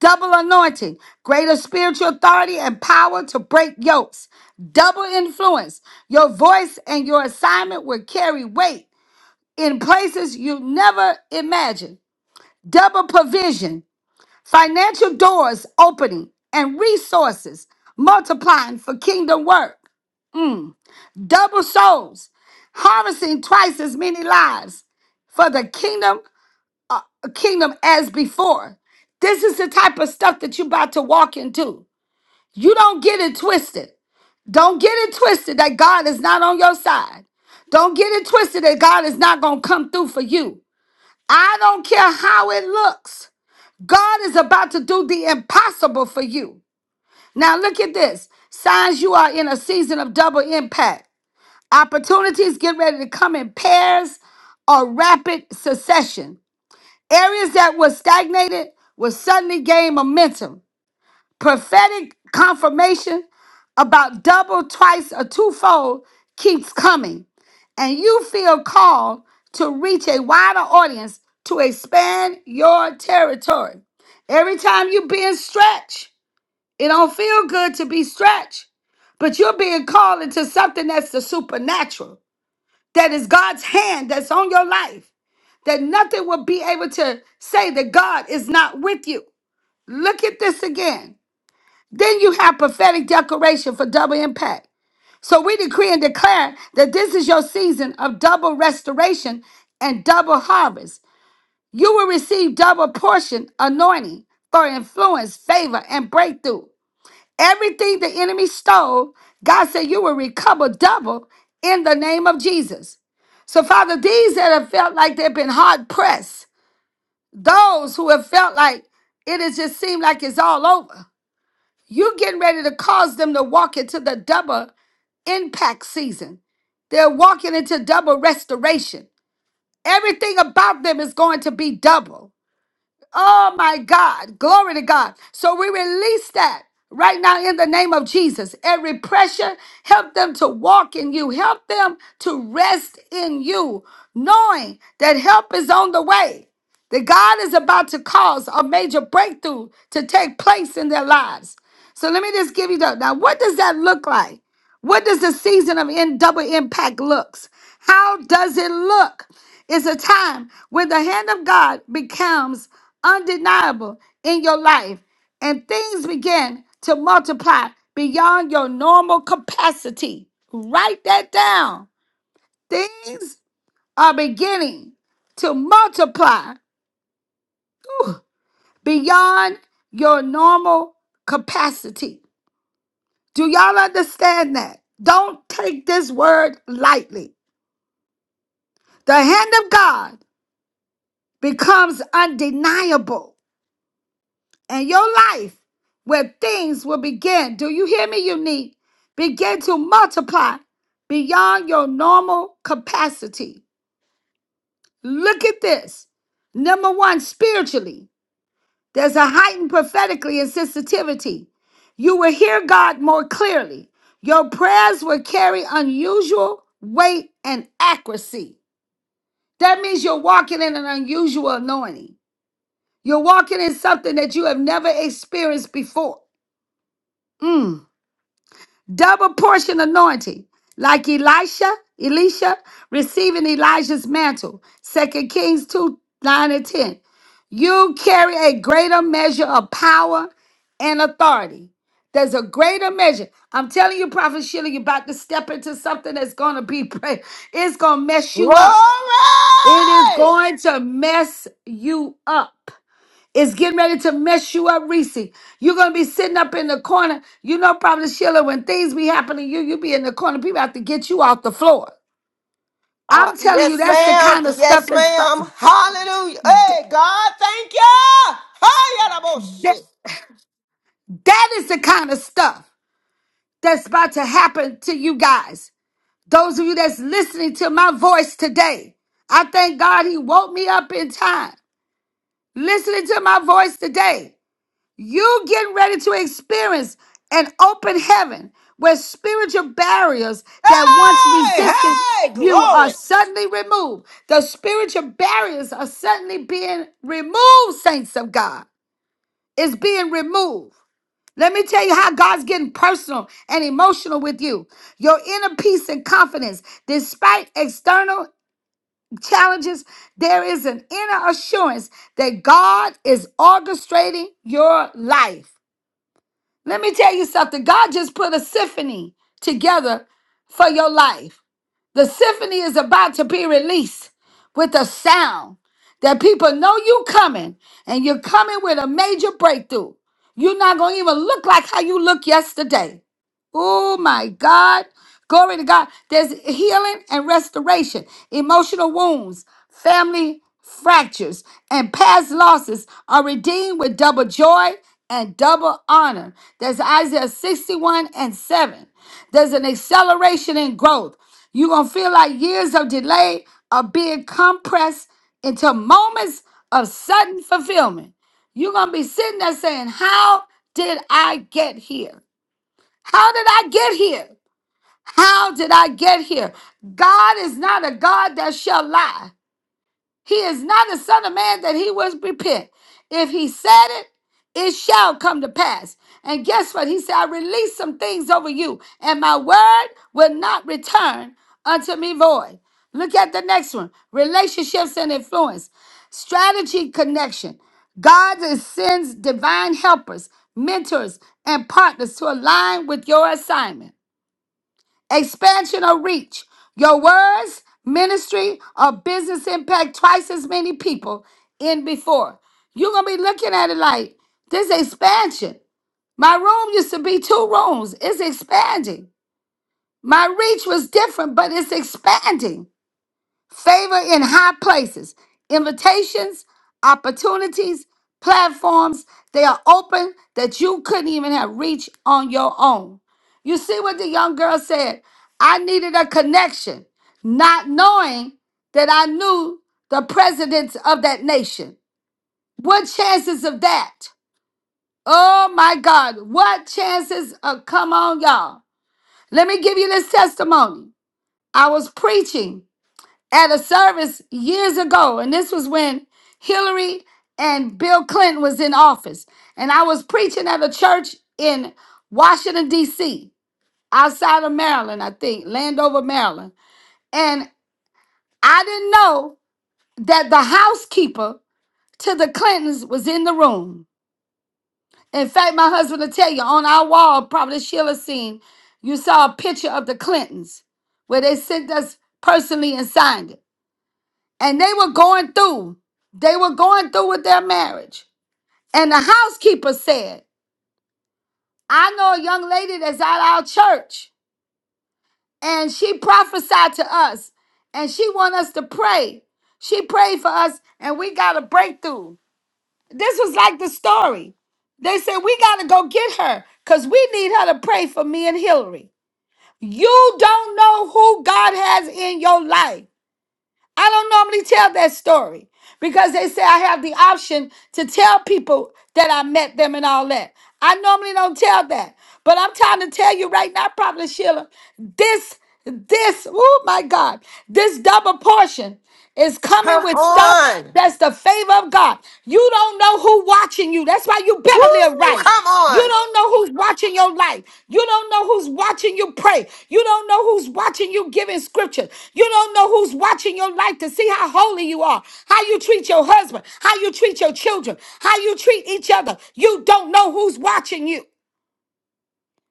Double anointing, greater spiritual authority and power to break yokes. Double influence. Your voice and your assignment will carry weight in places you never imagined. Double provision, financial doors opening and resources multiplying for kingdom work double souls, harvesting twice as many lives for the kingdom kingdom as before. This is the type of stuff that you're about to walk into. You don't get it twisted. Don't get it twisted that God is not on your side. Don't get it twisted that God is not going to come through for you. I don't care how it looks. God is about to do the impossible for you. Now, look at this signs you are in a season of double impact. Opportunities get ready to come in pairs or rapid succession. Areas that were stagnated will suddenly gain momentum. Prophetic confirmation about double, twice, or twofold keeps coming, and you feel called to reach a wider audience to expand your territory. Every time you're being stretched, it don't feel good to be stretched, but you're being called into something that's the supernatural that is God's hand that's on your life, that nothing will be able to say that God is not with you. Look at this again. Then you have prophetic declaration for double impact. So we decree and declare that this is your season of double restoration and double harvest. You will receive double portion anointing for influence, favor, and breakthrough. Everything the enemy stole, God said, You will recover double in the name of Jesus. So, Father, these that have felt like they've been hard pressed, those who have felt like it has just seemed like it's all over, you getting ready to cause them to walk into the double impact season. They're walking into double restoration. Everything about them is going to be double. Oh my God. Glory to God. So we release that right now in the name of Jesus. Every pressure, help them to walk in you, help them to rest in you, knowing that help is on the way. That God is about to cause a major breakthrough to take place in their lives. So let me just give you the now. What does that look like? What does the season of in double impact looks? How does it look? It's a time when the hand of God becomes undeniable in your life and things begin to multiply beyond your normal capacity. Write that down. Things are beginning to multiply beyond your normal capacity. Do y'all understand that? Don't take this word lightly. The hand of God becomes undeniable and your life where things will begin. Do you hear me, unique? Begin to multiply beyond your normal capacity. Look at this. Number one, spiritually, there's a heightened prophetically and sensitivity. You will hear God more clearly. Your prayers will carry unusual weight and accuracy. That means you're walking in an unusual anointing. You're walking in something that you have never experienced before. Mm. double portion anointing, like Elisha, Elisha receiving Elijah's mantle. Second Kings 2 9 and 10. You carry a greater measure of power and authority. There's a greater measure. I'm telling you, Prophet Sheila, you're about to step into something that's going to be, [laughs] it's going to mess Glory! you up. It is going to mess you up is getting ready to mess you up, Reese. You're gonna be sitting up in the corner. You know, probably Sheila, when things be happening to you, you be in the corner. People have to get you off the floor. Uh, I'm telling you, yes, that's the ma'am. kind of stuff Yes, that's ma'am. Hallelujah. Hey, God, thank you. Hi, that, shit. that is the kind of stuff that's about to happen to you guys. Those of you that's listening to my voice today, I thank God He woke me up in time. Listening to my voice today. You getting ready to experience an open heaven where spiritual barriers Hey, that once resisted hey, you are glory. suddenly removed. The spiritual barriers are suddenly being removed, saints of God. It's being removed. Let me tell you how God's getting personal and emotional with you. Your inner peace and confidence, despite external challenges, there is an inner assurance that God is orchestrating your life. Let me tell you something. God just put a symphony together for your life. The symphony is about to be released with a sound that people know you coming and you're coming with a major breakthrough. You're not going to even look like how you looked yesterday. Oh my God. Glory to God. There's healing and restoration, emotional wounds, family fractures, and past losses are redeemed with double joy and double honor. There's Isaiah 61 and 7. There's an acceleration in growth. You're going to feel like years of delay are being compressed into moments of sudden fulfillment. You're going to be sitting there saying, How did I get here? How did I get here? How did I get here? God is not a God that shall lie. He is not a son of man that he will repent. If he said it, it shall come to pass. And guess what? He said, I release some things over you, and my word will not return unto me void. Look at the next one relationships and influence, strategy, connection. God sends divine helpers, mentors, and partners to align with your assignment expansion or reach. Your words, ministry, or business impact twice as many people in before. You're gonna be looking at it like this expansion. My room used to be two rooms, it's expanding. My reach was different, but it's expanding favor in high places, invitations, opportunities, platforms. They are open that you couldn't even have reached on your own. You see what the young girl said? I needed a connection, not knowing that I knew the presidents of that nation. What chances of that? Oh my God, what chances of come on, y'all? Let me give you this testimony. I was preaching at a service years ago, and this was when Hillary and Bill Clinton was in office, and I was preaching at a church in Washington D.C., outside of Maryland, I think, Landover, Maryland, and I didn't know that the housekeeper to the Clintons was in the room. In fact, my husband will tell you on our wall, probably Sheila seen, you saw a picture of the Clintons where they sent us personally and signed it. and they were going through. They were going through with their marriage. And the housekeeper said, I know a young lady that's at our church, and she prophesied to us, and she want us to pray. She prayed for us, and we got a breakthrough. This was like the story. They said, We got to go get her because we need her to pray for me and Hillary. You don't know who God has in your life. I don't normally tell that story because they say I have the option to tell people that I met them and all that. I normally don't tell that. But I'm trying to tell you right now, Prophet Sheila, this, this, oh my God, this double portion is coming Come with stuff. on. That's the favor of God. You don't know who watching you. That's why you better live Woo, right. come You on. don't know who's watching your life. You don't know who's watching you pray. You don't know who's watching you giving scripture. You don't know who's watching your life to see how holy you are, how you treat your husband, how you treat your children, how you treat each other. You don't know who's watching you.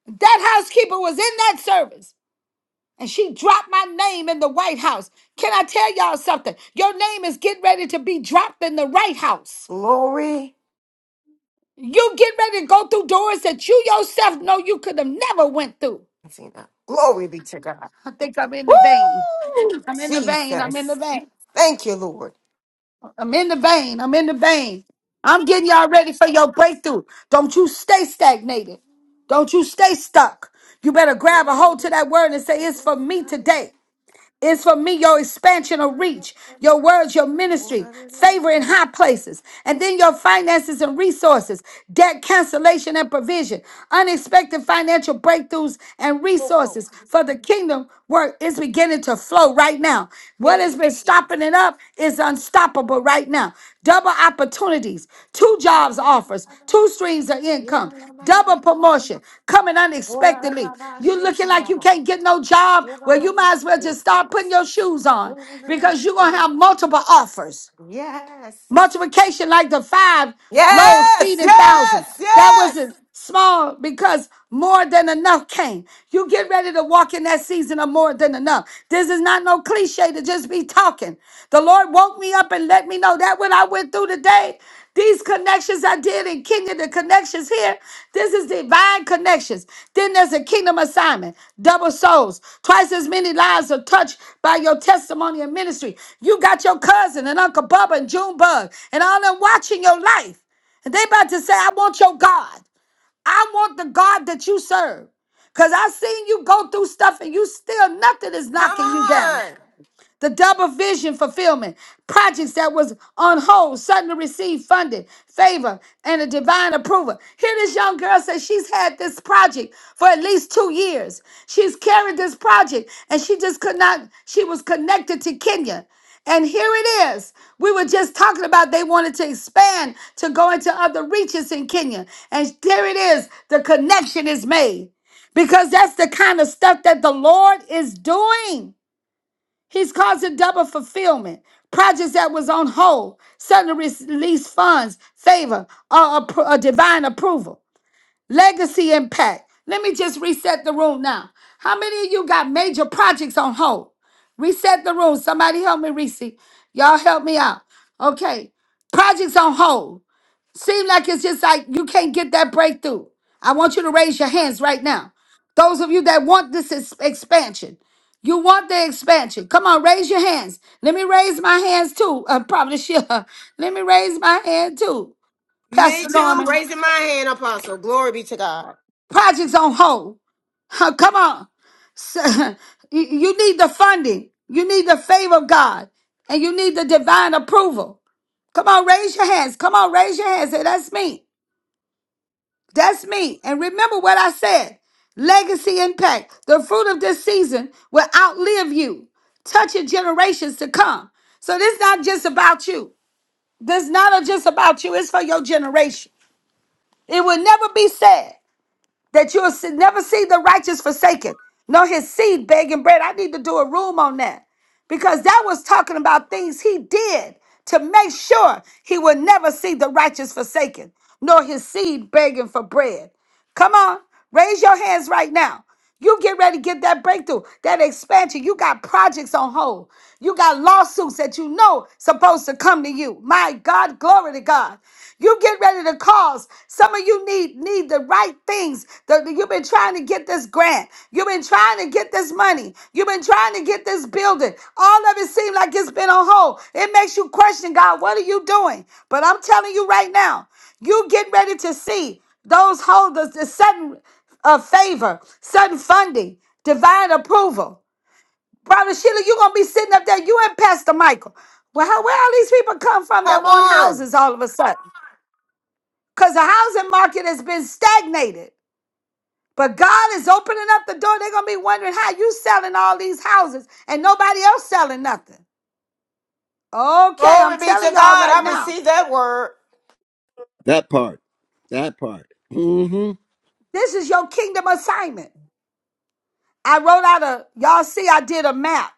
That housekeeper was in that service and she dropped my name in the White House. Can I tell y'all something? Your name is getting ready to be dropped in the right house. Glory. You get ready to go through doors that you yourself know you could have never went through. I see that. Glory be to God. I think I'm in the Woo, vein. I'm in the vein. I'm in the Jesus. vein. Thank you, Lord. I'm in the vein. I'm in the vein. I'm getting y'all ready for your breakthrough. Don't you stay stagnated. Don't you stay stuck. You better Oh, grab a hold to that word and say, It's for me today. is for me your expansion of reach, your words, your ministry, favor in high places, and then your finances and resources, debt cancellation and provision, unexpected financial breakthroughs and glory. resources for the kingdom work is beginning to flow right now. What has Hey. been is stopping it up is unstoppable right now. Double opportunities, two jobs offers, two streams of income, double promotion coming unexpectedly. you looking like you can't get no job. Well, you might as well just start putting your shoes on because you're going to have multiple offers. Yes. Multiplication like the five loaves Yes, feeding thousand. yes, That yes. wasn't small because more than enough came. You get ready to walk in that season of more than enough. This is not no cliche to just be talking. The Lord woke me up and let me know that what I went through today. These connections I did in kingdom, the connections here, this is divine connections. Then there's a kingdom assignment, double souls. Twice as many lives are touched by your testimony and ministry. You got your cousin and Uncle Bubba and Junebug and all them watching your life. And they about to say, I want your God. I want the God that you serve. Because i seen you go through stuff and you still, nothing is Come knocking you down. on. The double vision fulfillment, projects that was on hold, suddenly received funding, favor, and a divine approval. Here this young girl says she's had this project for at least two years. She's carried this project and she just could not, she was connected to Kenya. And here it is. We were just talking about they wanted to expand to go into other reaches in Kenya. And there it is. The connection is made because that's the kind of stuff that the Lord is doing. He's causing double fulfillment. Projects that was on hold suddenly release funds, favor, or, appro- or divine approval, legacy impact. Let me just reset the room now. How many of you got major projects on hold? Reset the room. Somebody help me, Reese. Y'all help me out. Okay. Projects on hold. Seem like it's just like you can't get that breakthrough. I want you to raise your hands right now. Those of you that want this ex- expansion, you want the expansion. Come on, raise your hands. Let me raise my hands too. Uh, probably Sheila. Let me raise my hand too, Me Pastor too. Norman. Raising my hand, Apostle. Glory be to God. Projects on hold. Huh, Come on. So- [laughs] you you need the funding. You need the favor of God, and you need the divine approval. Come on, raise your hands. Come on, raise your hands. Say that's me. That's me. And remember what I said legacy impact. The fruit of this season will outlive you, touching generations to come. So this not just about you. This not just about you. It's for your generation. It will never be said that you'll see, never see the righteous forsaken, nor his seed begging bread. I need to do a room on that because that was talking about things he did to make sure he would never see the righteous forsaken, nor his seed begging for bread. Come on, raise your hands right now. You get ready to get that breakthrough, that expansion. You got projects on hold. You got lawsuits that you know supposed to come to you. My God, glory to God. You get ready to cause. Some of you need need the right things. The- you've been trying to get this grant. You've been trying to get this money. You've been trying to get this building. All of it seems like it's been on hold. It makes you question God. What are you doing? But I'm telling you right now, you get ready to see those holders, the sudden uh, favor, sudden funding, divine approval. Brother Sheila, you're gonna be sitting up there. You and Pastor Michael. Well, how, where all these people come from that Come want on. houses all of a sudden? because the housing market has been stagnated. But God is opening up the door. They're gonna be wondering how you selling all these houses and nobody else selling nothing. Okay, Glory I'm be telling to y'all God. right I now. received that word. That part. That part. Mm-hmm. This is your kingdom assignment. I wrote out a y'all see I did a map.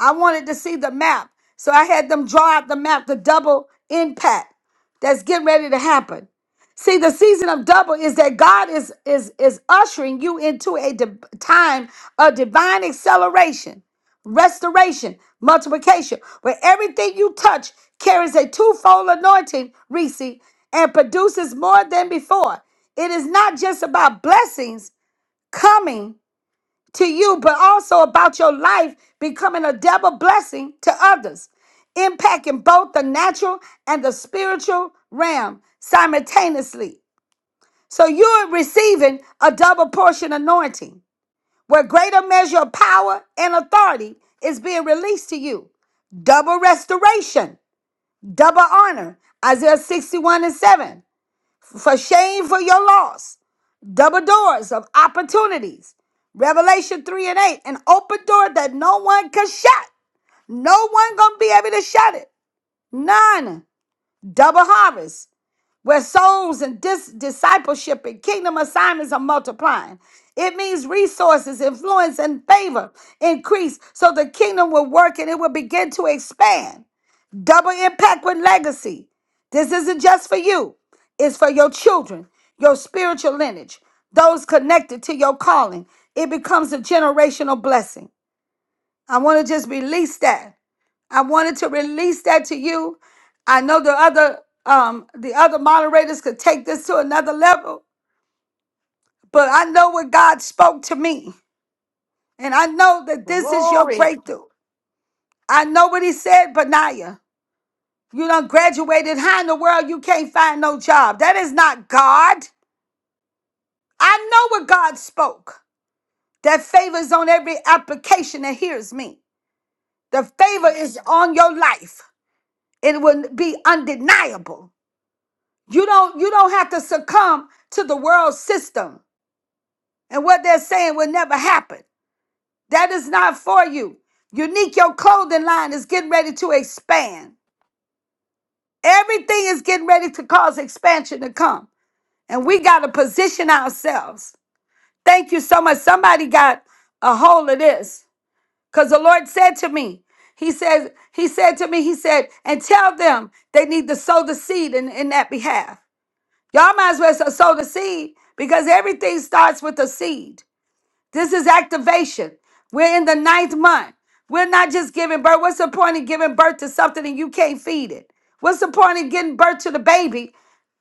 I wanted to see the map. So I had them draw out the map, the double impact that's getting ready to happen. See, the season of double is that God is is is ushering you into a di- time of divine acceleration, restoration, multiplication, where everything you touch carries a twofold anointing, Reese, and produces more than before. It is not just about blessings coming, to you, but also about your life becoming a double blessing to others, impacting both the natural and the spiritual realm simultaneously. So you're receiving a double portion anointing where greater measure of power and authority is being released to you. Double restoration, double honor. Isaiah 61 and 7. For shame for your loss double doors of opportunities. Revelation 3 and 8, an open door that no one can shut. No one gonna be able to shut it. None. Double harvest, where souls and dis- discipleship and kingdom assignments are multiplying. It means resources, influence, and favor increase so the kingdom will work and it will begin to expand. Double impact with legacy. This isn't just for you, it's for your children, your spiritual lineage, those connected to your calling. It becomes a generational blessing. I want to just release that. I wanted to release that to you. I know the other um the other moderators could take this to another level, but I know what God spoke to me. And I know that this is your Glory. breakthrough. I know what he said, Benaiah. You done graduated high in the world, you can't find no job. That is not God. I know what God spoke. That favor is on every application that hears me. The favor is on your life. It will be undeniable. You don't you don't have to succumb to the world system and what they're saying will never happen. That is not for you. Unique, your clothing line is getting ready to expand. Everything is getting ready to cause expansion to come. And we got to position ourselves. Thank you so much. Somebody got a hold of this. Because the Lord said to me, He says, He said to me, He said, and tell them they need to sow the seed in, in that behalf. Y'all might as well sow the seed because everything starts with a seed. This is activation. We're in the ninth month. We're not just giving birth. What's the point of giving birth to something and you can't feed it? What's the point of giving birth to the baby,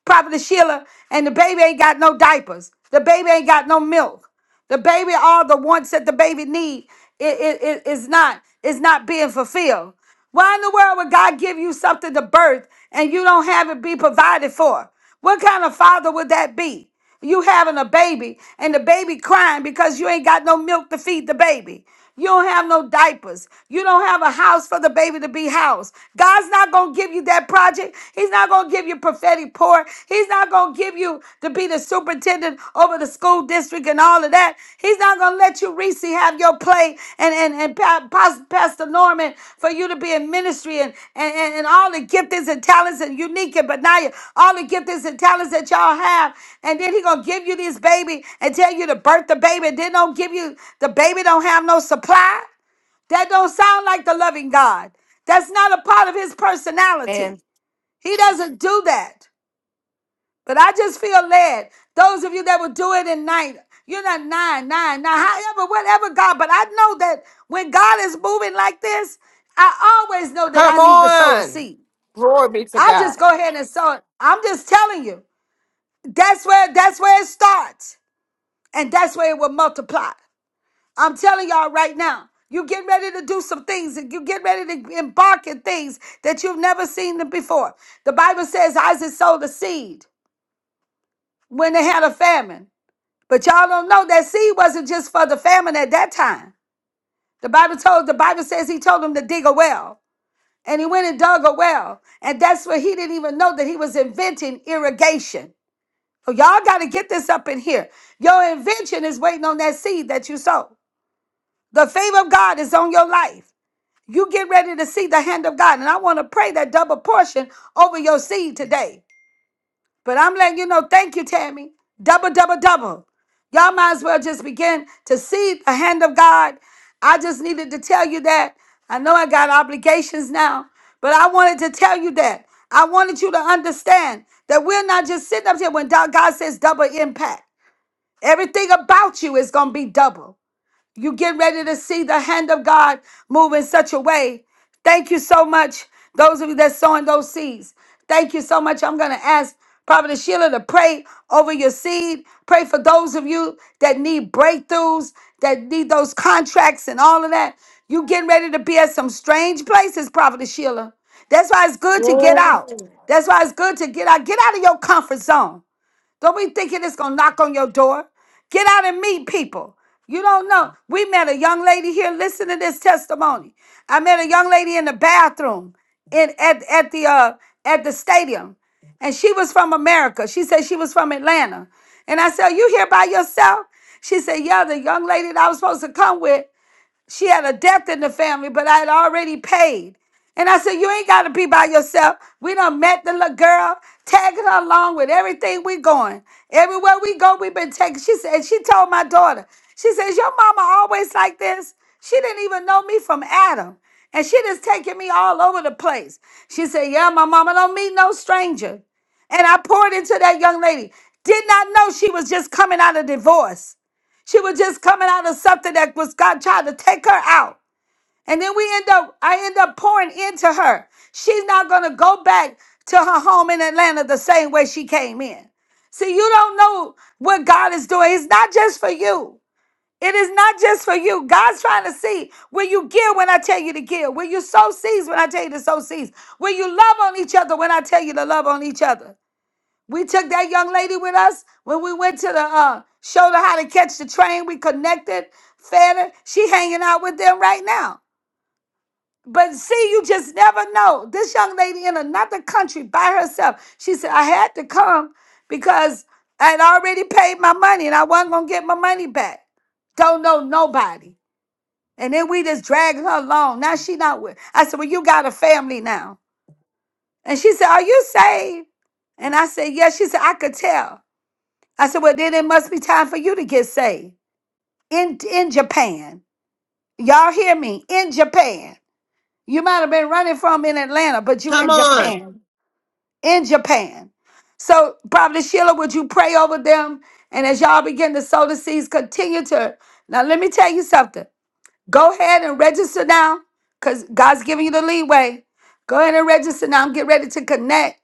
Prophet Sheila, and the baby ain't got no diapers? The baby ain't got no milk. The baby, all the wants that the baby need, it, it, it- it's not, it's not being fulfilled. Why in the world would God give you something to birth and you don't have it be provided for? What kind of father would that be? You having a baby and the baby crying because you ain't got no milk to feed the baby. You don't have no diapers. You don't have a house for the baby to be housed. God's not going to give you that project. He's not going to give you prophetic pour. He's not going to give you to be the superintendent over the school district and all of that. He's not going to let you, Reese, have your plate and, and, and Pa- Pas- Pastor Norman for you to be in ministry and, and, and, and all the giftings and talents and unique and benign, all the giftings and talents that y'all have. And then he going to give you this baby and tell you to birth the baby. And then don't give you, the baby don't have no supply. That don't sound like the loving God. That's not a part of his And personality. He doesn't do that. But I just feel led. Those of you that will do it at night, you're not nine, nine, nine, however, whatever, God. But I know that when God is moving like this, I always know that I come need to sow a on. seed. Glory be to I just God. go ahead and sow it. I'm just telling you. That's where that's where it starts. And that's where it will multiply. I'm telling y'all right now. You get ready to do some things and you get ready to embark in things that you've never seen before. The Bible says Isaac sowed a seed when they had a famine. But y'all don't know that seed wasn't just for the famine at that time. The Bible told the Bible says he told him to dig a well. And he went and dug a well. And that's where he didn't even know that he was inventing irrigation. So y'all gotta get this up in here. Your invention is waiting on that seed that you sow. The favor of God is on your life. You get ready to see the hand of God. And I want to pray that double portion over your seed today. But I'm letting you know, thank you, Tammy. Double, double, double. Y'all might as well just begin to see the hand of God. I just needed to tell you that. I know I got obligations now, but I wanted to tell you that. I wanted you to understand that we're not just sitting up here when God says double impact. Everything about you is going to be double. You get ready to see the hand of God move in such a way. Thank you so much, those of you that's sowing those seeds. Thank you so much. I'm going to ask Prophet Sheila to pray over your seed. Pray for those of you that need breakthroughs, that need those contracts and all of that. You getting ready to be at some strange places, Prophet Sheila. That's why it's good to get out. Glory. That's why it's good to get out. Get out of your comfort zone. Don't be thinking it's gonna knock on your door. Get out and meet people. You don't know. We met a young lady here. Listen to this testimony. I met a young lady in the bathroom in at, at the uh at the stadium. And she was from America. She said she was from Atlanta. And I said, You here by yourself? She said, Yeah, the young lady that I was supposed to come with. She had a death in the family, but I had already paid. And I said, You ain't got to be by yourself. We done met the little girl, tagging her along with everything we going. Everywhere we go, we been taking. She said, She told my daughter, She says, Your mama always like this. She didn't even know me from Adam. And she just taking me all over the place. She said, Yeah, my mama don't meet no stranger. And I poured into that young lady. Did not know she was just coming out of divorce. She was just coming out of something that was God trying to take her out. And then we end up, I end up pouring into her. She's not going to go back to her home in Atlanta the same way she came in. See, you don't know what God is doing. It's not just for you. It is not just for you. God's trying to see will you give when I tell you to give? Will you sow seeds when I tell you to sow seeds? Will you love on each other when I tell you to love on each other? We took that young lady with us when we went to the uh showed her how to catch the train. We connected, fed her. She hanging out with them right now. But see, you just never know. This young lady in another country by herself. She said, I had to come because I had already paid my money and I wasn't gonna get my money back. Don't know nobody. And then we just dragged her along. Now she not with. I said, Well, you got a family now. And she said, Are you saved? And I said, Yes. She said, I could tell. I said, well, then it must be time for you to get saved. In in Japan. Y'all hear me? In Japan. You might have been running from in Atlanta, but you Come in on. Japan. In Japan. So probably Sheila, would you pray over them? And as y'all begin to sow the seeds, continue to now let me tell you something. Go ahead and register now, because God's giving you the leeway. Go ahead and register now. I'm getting ready to connect.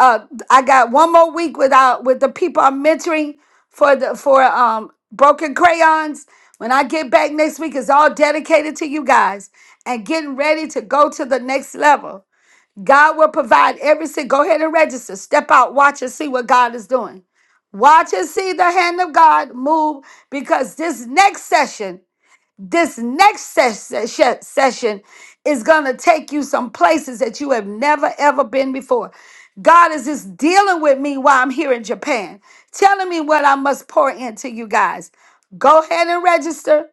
uh I got one more week without with the people I'm mentoring for the for um broken crayons. When I get back next week, it's all dedicated to you guys and getting ready to go to the next level. God will provide every single. Go ahead and register. Step out, watch and see what God is doing. Watch and see the hand of God move because this next session this next ses- se- session is going to take you some places that you have never ever been before. God is just dealing with me while I'm here in Japan, telling me what I must pour into you guys. Go ahead and register.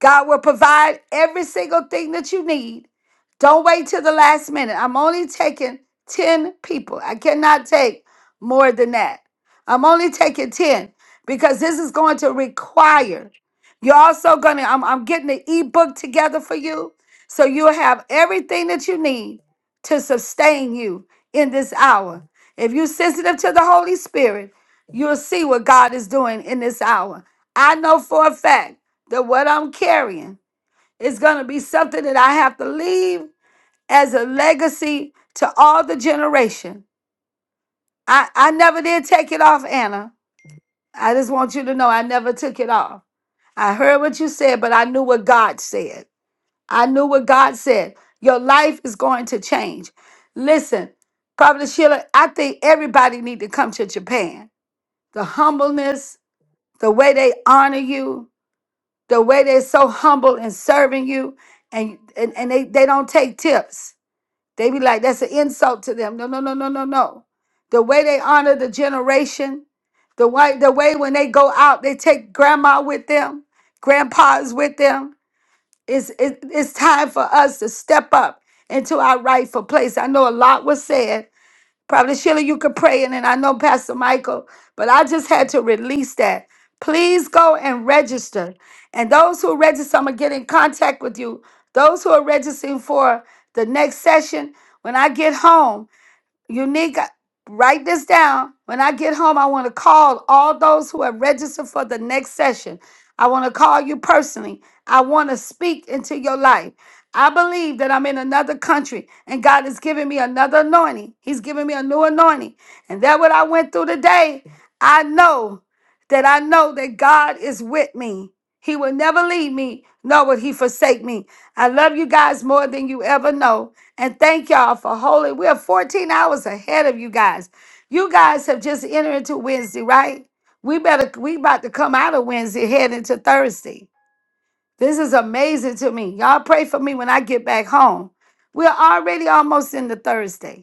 God will provide every single thing that you need. Don't wait till the last minute. I'm only taking 10 people. I cannot take more than that. I'm only taking 10 because this is going to require. You're also going to, I'm, I'm getting the ebook together for you. So you'll have everything that you need to sustain you in this hour. If you're sensitive to the Holy Spirit, you'll see what God is doing in this hour. I know for a fact that what I'm carrying is going to be something that I have to leave as a legacy to all the generation. I, I never did take it off, Anna. I just want you to know I never took it off. I heard what you said, but I knew what God said. I knew what God said. Your life is going to change. Listen, Prophet Sheila, I think everybody need to come to Japan. The humbleness, the way they honor you, the way they're so humble in serving you, and and, and they, they don't take tips. They be like, that's an insult to them. No, no, no, no, no, no. The way they honor the generation, the way, the way when they go out, they take grandma with them, grandpa's with them. It's, it, it's time for us to step up into our rightful place. I know a lot was said, Probably Sheila, you could pray, and then I know Pastor Michael, but I just had to release that. Please go and register. And those who register, I'm gonna get in contact with you. Those who are registering for the next session, when I get home, Unica, write this down. When I get home, I want to call all those who have registered for the next session. I want to call you personally. I want to speak into your life. I believe that I'm in another country and God is giving me another anointing. He's giving me a new anointing. And that what I went through today, I know that I know that God is with me. He will never leave me, nor will he forsake me. I love you guys more than you ever know. And thank y'all for holy. We are 14 hours ahead of you guys. You guys have just entered into Wednesday, right? We better we about to come out of Wednesday, head into Thursday. This is amazing to me. Y'all pray for me when I get back home. We're already almost into Thursday.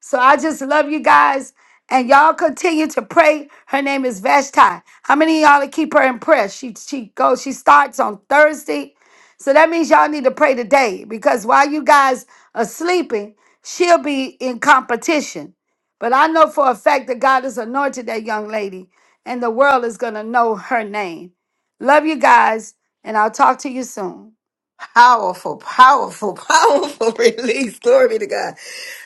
So I just love you guys. And y'all continue to pray. Her name is Vashti. How many of y'all to keep her in prayer? She she goes, she starts on Thursday. So that means y'all need to pray today because while you guys are sleeping, she'll be in competition. But I know for a fact that God has anointed that young lady and the world is gonna know her name. Love you guys, and I'll talk to you soon. Powerful, powerful, [laughs] powerful release. Glory be to God.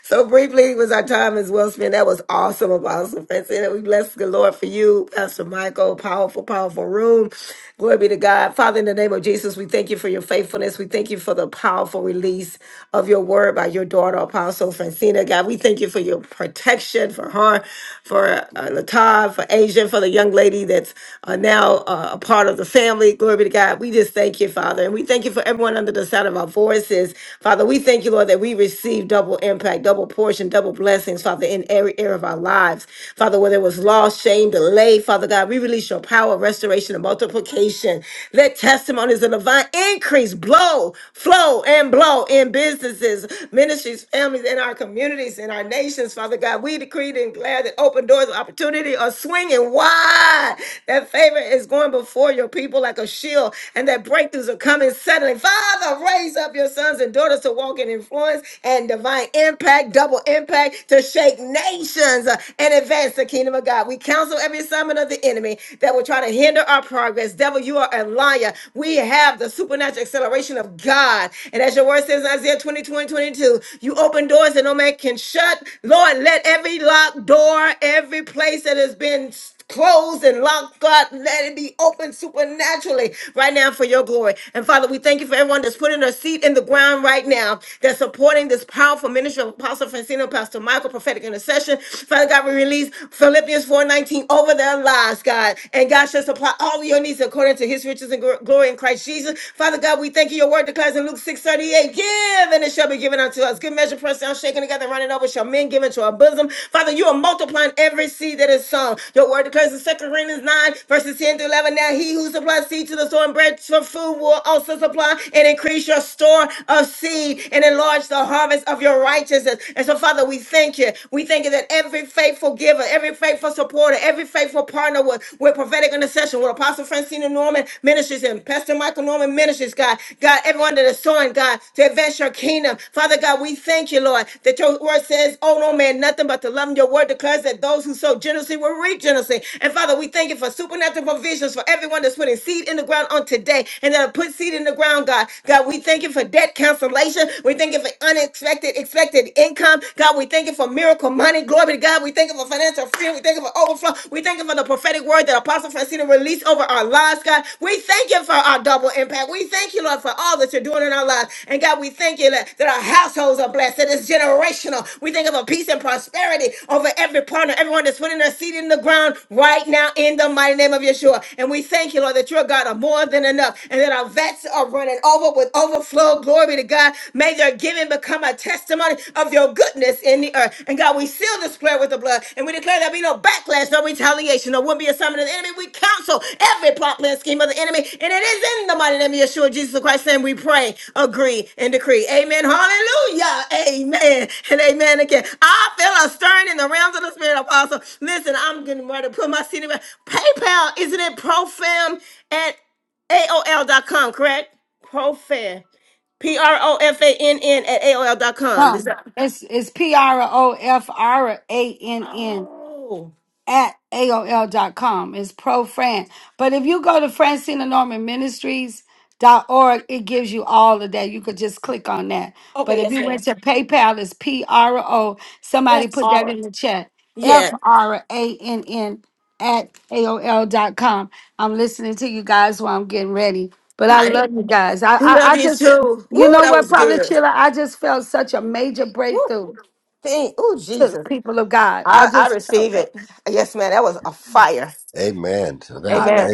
So briefly was our time as well spent. That was awesome, Apostle Francina. we bless the Lord for you, Pastor Michael. Powerful, powerful room. Glory be to God. Father, in the name of Jesus, we thank you for your faithfulness. We thank you for the powerful release of your word by your daughter, Apostle Francina. God, we thank you for your protection for her, for uh, Latab, for Asia, for the young lady that's uh, now uh, a part of the family. Glory be to God. We just thank you, Father. And we thank you for everyone under the sound of our voices. Father, we thank you, Lord, that we receive receive double impact, double portion, double blessings, Father, in every area of our lives. Father, where there was loss, shame, delay, Father God, we release your power, restoration, and multiplication. Let testimonies of divine increase blow, flow, and blow in businesses, ministries, families, in our communities, in our nations, Father God. We decree and declare that open doors of opportunity are swinging wide. That favor is going before your people like a shield, and that breakthroughs are coming suddenly. Father, raise up your sons and daughters to walk in significant influence and divine impact, double impact to shake nations uh, and advance the kingdom of God. We counsel every assignment of the enemy that will try to hinder our progress. Devil, you are a liar. We have the supernatural acceleration of God. And as your word says in Isaiah 22 and 22, you open doors that no man can shut. Lord, let every locked door, every place that has been closed and locked, God. Let it be open supernaturally right now for your glory. And Father, we thank you for everyone that's putting their seat in the ground right now, that's supporting this powerful ministry of Apostle Francino, Pastor Michael, prophetic intercession. Father God, we release Philippians 4:19 over their lives, God. And God shall supply all your needs according to his riches and gl- glory in Christ Jesus. Father God, we thank you. Your word declares in Luke 6:38, give and it shall be given unto us. Good measure, press pressed down, shaken together, and running over, shall men give into our bosom. Father, you are multiplying every seed that is sown. Your word declares in Second Corinthians 9, verses 10 through 11. Now he who supplies seed to the sower and bread for food will also supply and increase your store of seed and enlarge the harvest of your righteousness. And so, Father, we thank you. We thank you that every faithful giver, every faithful supporter, every faithful partner with, with prophetic intercession, with Apostle Francina Norman Ministries and Pastor Mike and Michael Norman Ministries, God. God, everyone that is sowing, God, to advance your kingdom. Father God, we thank you, Lord, that your word says, oh no man, nothing but to love him. Your word declares that those who sow generously will reap generously. And Father, we thank you for supernatural provisions for everyone that's putting seed in the ground on today and that'll put seed in the ground, God. God, we thank you for debt cancellation. We thank you for unexpected, expected income. God, we thank you for miracle money. Glory to God. We thank you for financial freedom. We thank you for thank you for overflow. We thank you for the prophetic word that Apostle Francina released over our lives, God. We thank you for our double impact. We thank you, Lord, for all that you're doing in our lives. And God, we thank you that, that our households are blessed, that it's generational. We think of a peace and prosperity over every partner, everyone that's putting their seed in the ground right now in the mighty name of Yeshua. And we thank you, Lord, that you're a God of more than enough and that our vets are running over with overflow. Glory to God. May their giving become become a testimony of your goodness in the earth. And God, we seal this prayer with the blood and we declare there be no backlash, no retaliation, no will be a summon of the enemy. We counsel every plot, plan, scheme of the enemy. And it is in the mighty name of Yeshua, Jesus Christ, and we pray, agree, and decree. Amen. Hallelujah. Amen. And amen again. I feel a stirring in the realms of the spirit, apostle. Listen, I'm getting ready to put my seat in. PayPal, isn't it profam at AOL.com, correct? Profam. P R O F A N N at aol dot AOL.com. Is Um, that? it's it's P R O F R A N N. Oh. at aol AOL.com. It's Pro Fran. But if you go to Francina Norman Ministries, Dot org, it gives you all of that. You could just click on that. But Okay, if yes, you ma'am. went to PayPal, it's P R O. Somebody Yes. put All that in right. the chat. Yeah, F R A N N at aol dot com. I'm listening to you guys while I'm getting ready. But I got it. love you guys. I We I, love I you just, too. you Ooh, know that what, was probably good. Sheila, I just felt such a major Ooh. breakthrough thank, ooh, to the Jesus. people of God. I I, I just felt receive that. it. Yes, man, that was a fire. Amen to that. All Amen. right.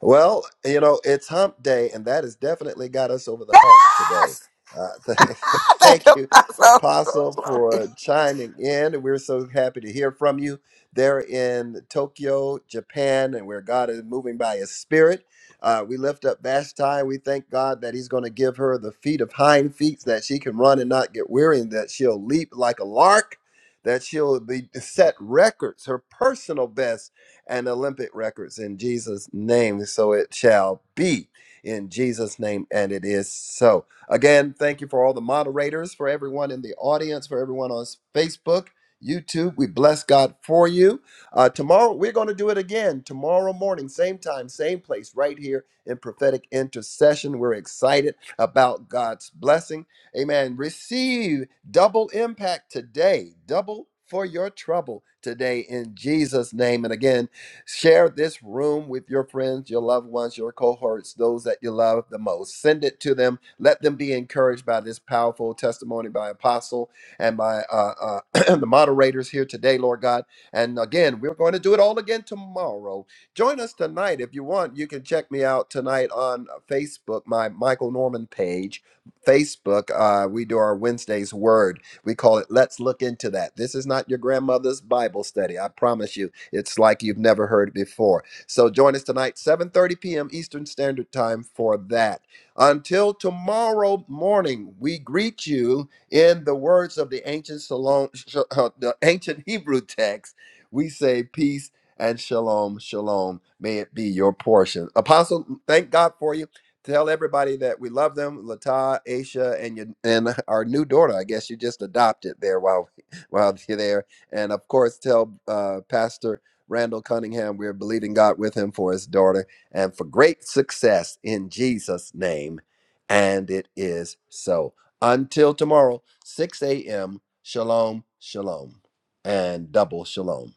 Well, you know, it's hump day, and that has definitely got us over the hump today. Yes! Uh, [laughs] th- [laughs] thank you, thank you, Apostle. [laughs] Ooh, Apostle, glory. for chiming in. We're so happy to hear from you. They're in Tokyo, Japan, and where God is moving by His Spirit. Uh, we lift up Vashti. We thank God that He's going to give her the feet of hind feet so that she can run and not get weary, and that she'll leap like a lark, that she'll be set records, her personal best and Olympic records in Jesus' name. So it shall be in Jesus' name, and it is so. Again, thank you for all the moderators, for everyone in the audience, for everyone on Facebook. YouTube, we bless God for you. Uh, tomorrow, we're going to do it again. Tomorrow morning, same time, same place, right here in prophetic intercession. We're excited about God's blessing. Amen. Receive double impact today, double for your trouble today in Jesus' name. And again, Share this room with your friends, your loved ones, your cohorts, those that you love the most. Send it to them. Let them be encouraged by this powerful testimony by Apostle and by uh, uh, [clears throat] the moderators here today, Lord God. And again, we're going to do it all again tomorrow. Join us tonight if you want. You can check me out tonight on uh, Facebook, my Michael Norman page. Facebook, uh, we do our Wednesday's Word. We call it Let's Look Into That. This is not your grandmother's Bible study, I promise you it's like you've never heard it before. So join us tonight, 7:30 p.m. Eastern Standard Time for that. Until tomorrow morning, we greet you in the words of the ancient Salon, sh- uh, the ancient [laughs] Hebrew text. We say peace and shalom, shalom. May it be your portion. Apostle, thank God for you. Tell everybody that we love them, Lata, Aisha, and your, and our new daughter. I guess you just adopted there while [laughs] while you're there. And of course, tell uh, Pastor Randall Cunningham. We're believing God with him for his daughter and for great success in Jesus' name. And it is so. Until tomorrow, 6 a.m. Shalom, shalom, and double shalom.